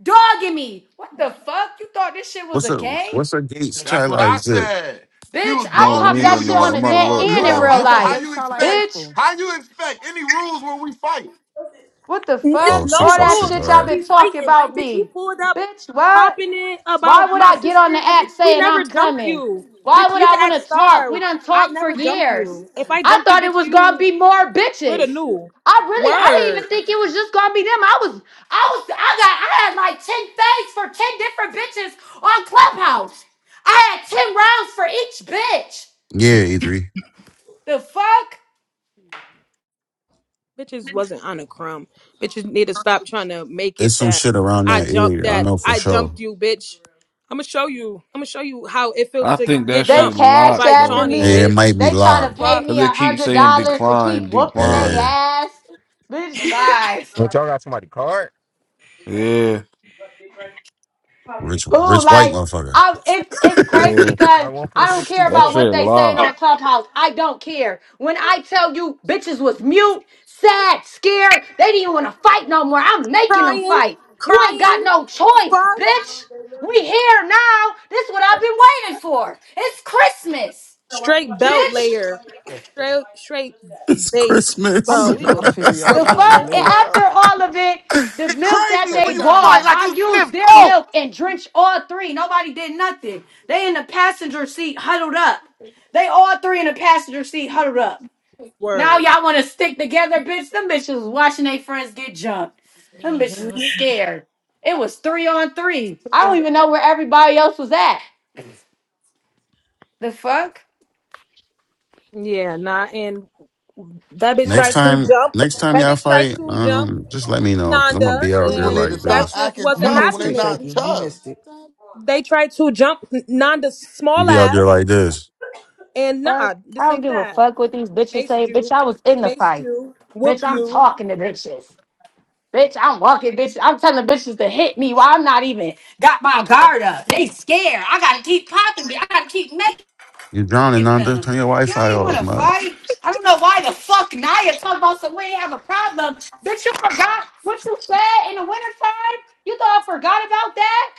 R: Dogging me. What the fuck? You thought this shit was
G: What's
R: a
G: up?
R: game?
G: What's up, Gates Chi
K: That's what
G: Line
K: I
G: zip?
K: said. She
R: Bitch,
K: was
N: I
R: I
K: dogging
N: don't
R: popped that
K: you.
N: even
R: shit
K: You
N: know.
R: on the
N: I'm
K: wasn't
N: about to
K: even
R: net
M: (laughs)
K: on
N: look.
R: and
M: Lick
N: Or
R: in
M: up
R: real
M: lick
K: Clubhouse. So
M: up
K: how
R: life.
M: Gate
K: you
M: Charlotte High
K: expect?
R: Bitch,
M: School.
K: How you expect any rules when we fight?
R: what the
B: It's
G: Oh,
R: fuck?
B: no
R: All
G: six oh
R: that
G: six.
B: rules
G: All
R: shit y'all
B: when
G: right.
R: been
B: we
R: talking
B: fighting.
R: about
B: And bitch, you
R: me.
B: pulled up
R: Bitch, what?
B: popping it
R: Why
B: about
R: would
B: my
R: I get on the
B: sister. And
R: app
B: bitch, we
R: saying I'm
B: never jumped
R: coming?
B: you.
R: Why
B: Bitch,
R: would
B: you
R: I
B: can act
R: want to talk?
B: star.
R: We done
B: I
R: talked for
B: never jumped
R: years.
B: you. If I
R: I
B: jumped you,
R: thought it
B: bitch,
R: was gonna
B: you
R: be more
B: would
R: bitches.
B: have knew.
R: I really, I didn't
B: Word.
R: even think it was just gonna be them. I was, I was, I got, I had like ten things for ten different bitches on Clubhouse. I had ten rounds for each bitch.
G: Yeah, E3.
R: The fuck?
B: bitches wasn't on a crumb. Bitches need to stop trying to make
G: It's
B: it
G: some
B: that
G: shit around
B: I
G: that
K: It's
B: jumped
G: area. I
B: that
G: know for
B: I
G: sure.
B: jumped you, bitch. I'm gonna show you. I'm gonna show you how it feels
N: I
B: to
N: think that
B: get
R: They
N: shit
B: jumped
R: cashed
B: by
N: locked
R: after
N: though,
B: Shawnee,
G: Yeah,
N: bro.
R: me.
G: it
B: bitch.
G: might be
R: They trying
G: locked,
R: to
G: bro.
R: pay
B: Fuck,
R: me
N: Cause
R: a
N: it keeps
R: hundred
N: saying
R: dollars to keep
N: decline,
R: whooping their
G: Yeah.
N: decline.
R: ass. Bitch, bye.
S: But y'all got somebody card?
N: Yeah,
G: Rich,
R: Who
G: rich white
R: like
G: motherfucker.
R: I it's it's
G: (laughs)
R: crazy
N: yeah.
S: I
R: because
S: one point
R: I don't
S: six two
R: care
N: That
R: about
S: four.
R: what
N: shit
R: they saying
N: locked.
B: Oh,
R: on Clubhouse. I don't care. When I tell you bitches was mute, sad, scared, they didn't even want to fight no more. I'm making them
B: crying,
R: fight. You ain't got
B: crying.
R: no choice,
B: Fuck,
R: bitch. We here now. This is what I've been waiting for. It's Christmas,
B: straight belt
R: bitch.
B: layer, straight straight
G: it's
B: bait.
M: I'm
G: Christmas.
B: Well,
M: getting
B: we was
M: off here, yo.
R: The
B: whooping
M: Y'all is
B: shit.
R: fuck? And
B: Oh
M: laced.
B: well,
R: after all of it, the milk that
M: Here,
K: crazy when
R: they
M: put your
K: you
M: arm
K: fight
R: bought,
M: down.
K: like
R: I
K: you
R: used
K: sniff
R: their
K: coke.
R: milk and drenched all three. Nobody did nothing. They in the passenger seat huddled up. They all three in the passenger seat huddled up. Now
B: word.
R: y'all want to stick together, bitch? Them bitches was watching their friends get jumped. Them bitches was scared. It was three on three. I don't
H: No,
R: even know where everybody else was at. The fuck?
B: Yeah, nah, and that
G: (laughs)
B: bitch
G: next
B: tried to
G: time,
B: jump.
G: next time
B: That
G: y'all
B: bitch tried
G: fight,
B: to jump.
G: um, just let me know because I'm gonna
B: Nanda,
G: be out
K: People
G: there
B: and
K: need to
G: like
K: stop
B: that
G: this.
B: just
K: acting
B: wasn't
M: You
K: tough when
M: missed
K: they're
M: it,
K: not
B: happening.
M: Shaky. You
K: tough.
M: missed it.
B: They tried to jump Nanda's
G: I'm
B: small
G: be out there
B: ass,
G: like this.
B: and
R: Fuck.
B: nah, this
R: I don't
B: ain't
R: give a
B: that.
R: fuck what these bitches
B: Maced
R: say. Bitch,
B: you,
R: I was in the
B: maced
R: fight.
B: you, whoop
R: Bitch, I'm
B: you.
R: talking to bitches. Bitch, I'm walking, bitch. I'm telling bitches to hit me while I'm not even got my guard up. They scared. I gotta keep popping me. I gotta keep making
G: You drowning, Nanda.
R: them.
G: Turn your
R: You
G: Wi-Fi
R: ain't
G: off,
R: wanna
G: man.
R: fight. I don't know why the fuck Naya talking about some we ain't have a problem. Bitch, you forgot what you said in the wintertime? You thought I forgot about that?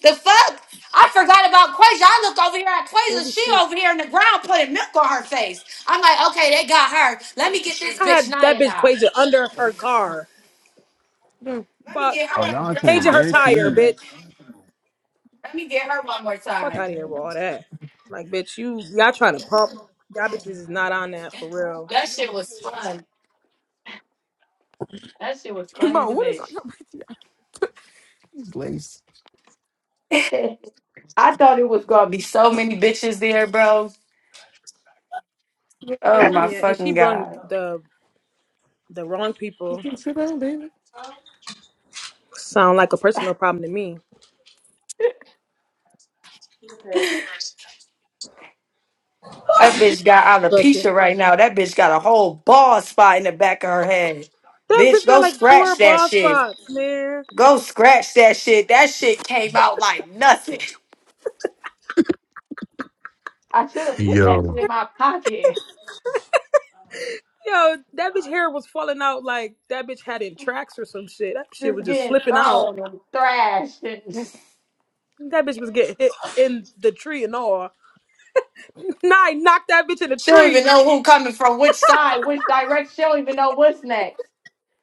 R: The fuck? I forgot about Quasia. I look over here at Quasia.
H: baby,
R: She
H: shit.
R: over here in the ground putting milk on her face. I'm like, okay, they got her. Let me get this
B: I
R: bitch
B: had that
R: Naya
B: bitch
R: now.
B: Quasia under her car.
H: No,
R: Let me
B: Fuck,
R: get her.
S: Oh, y'all playing
B: changing her tire,
S: dirty.
B: bitch.
R: Let me get her one more
B: Fuck
S: (laughs)
R: time.
B: out of
S: Yeah.
B: here with all that. Like, bitch, you y'all trying to pump. Y'all bitches is not on that for real.
R: That shit was fun. That shit was.
M: (laughs) Mo, what is on your (laughs) PTR? He's laced.
R: (laughs) I thought it was gonna be so many bitches there, bro.
H: yeah,
R: Oh
H: another
R: my
H: one.
B: Yeah, and she
R: fucking
B: brung
R: god.
B: the the wrong
H: You
B: people.
H: can sit down, baby.
B: Sound like a personal problem to me.
R: That bitch got alopecia right now. That bitch got a whole bald spot in the back of her head.
B: That
R: Bitch,
B: bitch got
R: go
B: like four
R: scratch that
B: bald
R: shit.
B: spots, man.
R: Go scratch that shit. That shit came out like nothing. I should have put that
G: Yo.
R: shit in my pocket.
B: Yo, that bitch hair was falling out like that bitch had in tracks or some shit. That shit
R: Just
B: was just
R: getting
B: slipping out.
R: thrown and thrashed and just.
B: That bitch was getting hit in the tree and all. (laughs) Nah, I knocked that bitch in the
R: She don't even
B: tree.
R: know who coming from which side, which direction. She don't even know what's next.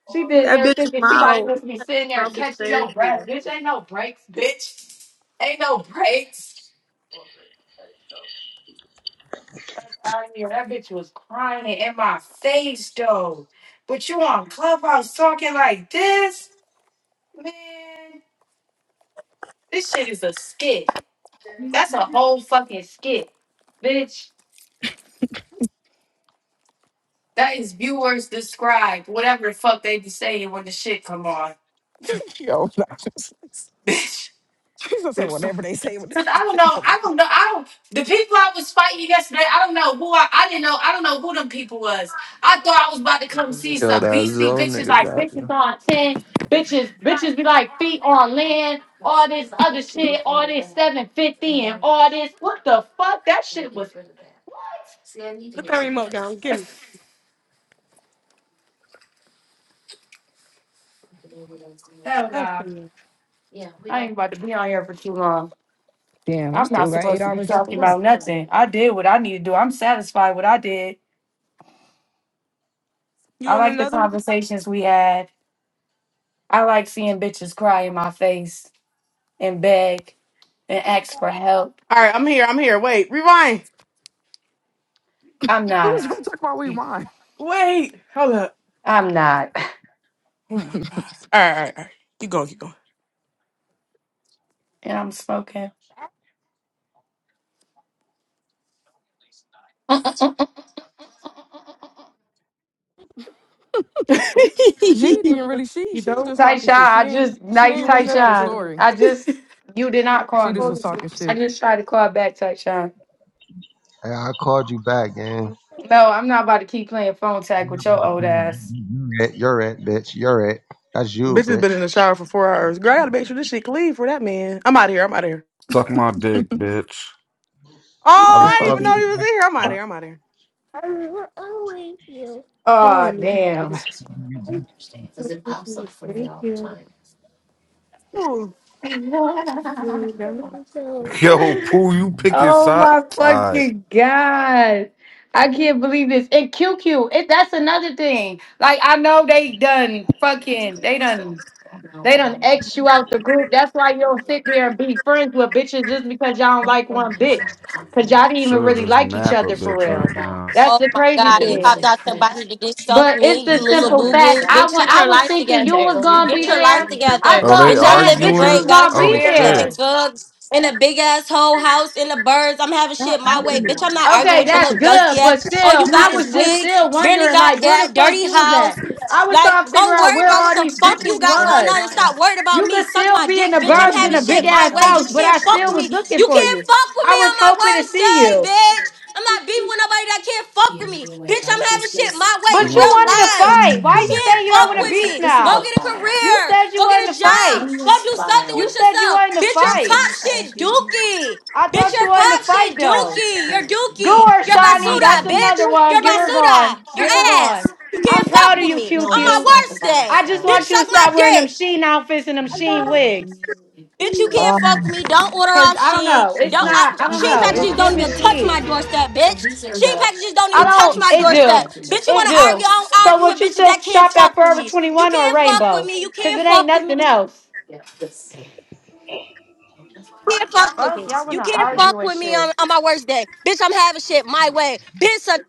R: She been
B: That
R: there
B: bitch
R: thinking she probably
B: mouth.
R: supposed to be sitting there
B: Mouth is
R: catching your
B: crazy.
R: breath. Bitch, ain't no breaks, bitch. Ain't no breaks. I mean, that bitch was crying in my face though. But you on Clubhouse talking like this, man? This shit is a skit. That's a whole fucking skit, bitch. That is viewers described, whatever the fuck they be saying when the shit come on,
M: (laughs) Yo, not just laced.
R: (laughs) bitch.
M: She's gonna say whatever they say. Whatever.
R: Cause I don't
M: (laughs)
R: know,
M: Come on.
R: I don't know, I don't. The people I was fighting yesterday, I don't know who I, I didn't know, I don't know who them people was. I thought I was about to come see
A: Yo,
R: some
A: that
R: beastie
A: Zo
R: bitches
A: nigga
R: like bitches
A: back.
R: on ten, bitches, bitches be like feet on land, all this other shit, all this seven fifty and all this. What the fuck? That shit was what?
H: Put that remote down. Give me.
R: Hell
H: I'll show
R: nah,
H: you.
R: I ain't about to be on here for too long.
M: Damn, I
R: I'm
M: still
R: not
M: got eight
R: supposed to be
M: hours left to
R: talking
M: work.
R: about nothing. I did what I need to do. I'm satisfied with what I did.
H: You
R: I
H: want
R: like the
H: another one?
R: conversations we had. I like seeing bitches cry in my face and beg and ask for help.
T: All right, I'm here. I'm here. Wait, rewind.
R: I'm
M: Who was
R: not.
M: gonna talk about we
T: Wait, hold up.
R: I'm not. (laughs)
T: Oh my gosh. All right, all right, all right. Keep going, keep going.
R: And I'm smoking. (laughs) Tyshawn,
M: She
H: Yeah,
T: (laughs)
H: put
M: didn't
H: it down.
M: really. She
H: You
M: she was
H: don't?
M: just talking shit. She
R: I
M: ain't
R: just,
M: she
R: nice
H: You
M: ain't
H: will
M: really
H: never
M: tell the
R: Tyshawn.
H: know.
M: story.
R: I just, you did
H: It's
R: not
M: She
R: call
M: just
R: me.
M: was
H: only
M: talking
H: you.
R: I
M: shit.
R: just tried to call back Tyshawn.
U: Hey, I called you back, gang.
R: No, I'm not about to keep playing phone tag with your old ass.
U: You're it, you're it, bitch. You're it. That's you,
T: Bitch has been
U: bitch.
T: in the shower for four hours. Girl, I gotta make sure this shit clean for that man. I'm out of here. I'm out of here.
N: Suck my dick, bitch.
T: Oh,
H: Who
U: I
M: What the
U: was
T: I didn't
H: cracking
M: fuck?
T: even
U: calling.
T: know he
H: you?
T: was in here. I'm out of here. I'm out of
H: I will always you. Don't let
R: Oh,
H: me crack you.
R: damn.
U: you.
H: Thank you. Thank you.
T: here.
H: You
R: (laughs)
H: will never know. So,
N: (laughs) Yo,
H: clean
N: Pooh, you picking
R: Oh
N: side?
R: my
N: Alright.
R: fucking god. I can't believe this. And QQ, it that's another thing. Like I know they done fucking they done they done X you out the group. That's why you don't sit there and be friends with bitches just because y'all don't like one bitch. Cause y'all didn't even
N: should
R: really
N: just
R: like each
N: nap a
R: other for
N: bitch
R: real.
N: right now.
R: That's
V: Oh
R: the
V: my
R: crazy
V: God, you
R: thing.
V: hopped out your body to get stuck
R: But it's
V: me, you
R: the
V: little
R: simple
V: boo boo.
R: fact. I
V: Bitch,
R: went
V: get
R: I
V: your
R: was
V: life
R: thinking you
V: together.
R: was gonna be
V: Get your life
R: there. I
V: together.
N: Oh, they
R: thought
V: Bitch, I'm
R: mad
V: living
R: bitches
V: great.
R: was
N: arguing?
V: Got
R: gonna
V: a
R: be
N: Oh
V: career, living
N: shit.
R: there.
V: good. In a big ass whole house, in the birds. I'm having shit my way. Bitch, I'm not arguing
R: Okay,
V: with your
R: that's
V: little dusty
R: good, but
V: ass. All
R: still,
V: you
R: I
V: got
R: was
V: is
R: just
V: wigs.
R: still
V: Barely
R: wondering,
V: got
R: like, where
V: that.
R: the fuck
V: Dirty
R: you was
V: house.
R: at? I was
V: Like,
R: trying to
V: go
R: figure out
V: worried
R: where
V: about what
R: all
V: the
R: these
V: fuck you
R: bitches
V: got going
R: was.
V: on and stop worried about
R: You
V: me.
R: could
V: Suck
R: still
V: my
R: be in
V: dick,
R: the
V: bitch. I'm
R: burbs in
V: having
R: a big
V: shit my
R: ass
V: way. You
R: house, but
V: can't
R: I
V: fuck
R: still
V: with
R: was
V: me.
R: looking
V: You
R: for
V: can't
R: you.
V: fuck with
R: I
V: me
R: was
V: on my
R: hoping to
V: worst
R: see
V: day,
R: you,
V: bitch. I'm not beefing with nobody that can't fuck with me. Bitch, I'm having shit my way in
R: but you
V: real
R: wanted to fight.
V: life.
R: Why
V: You
R: you
V: can't
R: say you don't
V: fuck
R: want to
V: with
R: beef
V: me. Go
R: now?
V: get a
R: You
V: career.
R: said you
V: Go get a
R: wanted to
V: job.
R: fight.
V: Go do something
R: You
V: with
R: said you
V: yourself.
R: wanted to
V: Bitch, your
R: fight.
V: pop shit dookie.
R: I
V: Bitch,
R: thought you
V: your
R: wanted
V: pop
R: to fight
V: shit
R: though.
V: dookie. You're
R: Go
V: dookie.
R: her,
V: You're
R: Shawnee. That's
V: basura, bitch.
R: another
V: You're
R: one. Get her
V: basura.
R: gone.
V: Your
R: Get her gone.
V: ass. You
R: I'm
V: can't
R: proud
V: fuck
R: of
V: with
R: you,
V: me.
R: Q.
V: On my
R: Q.
V: worst day.
R: I just
V: Bitch,
R: want you to
V: suck my
R: stop wearing them
V: dick.
R: sheen outfits and them sheen wigs.
V: Bitch, you
H: the
V: can't fuck with me. Don't order
R: Cause
V: off
R: I don't
V: Sheen.
R: know. It's
V: Don't I,
R: not, I don't
V: Sheen
R: know. It's
V: packages don't
R: giving
V: even touch my
R: sheen.
V: doorstep, bitch. Sheen packages don't
R: I
V: even touch
R: don't
V: my
R: it do.
V: doorstep. Bitch, you
R: It
V: wanna
R: do.
V: argue? I don't
R: So
V: argue with
R: would you
V: bitches
R: still
V: that can't
R: shop at
V: fuck with
R: Forever
V: me. You
R: 21 or
V: can't fuck with
R: Rainbow?
V: me. You
R: Cause
V: can't
R: it ain't
V: fuck with me.
R: nothing
V: You
R: else.
V: can't fuck with
R: Fuck,
V: me.
R: y'all
V: You
R: wanna
V: can't fuck
R: argue and
V: with me
R: shit.
V: on, on my worst day. Bitch, I'm having shit my way. Bitch, suck.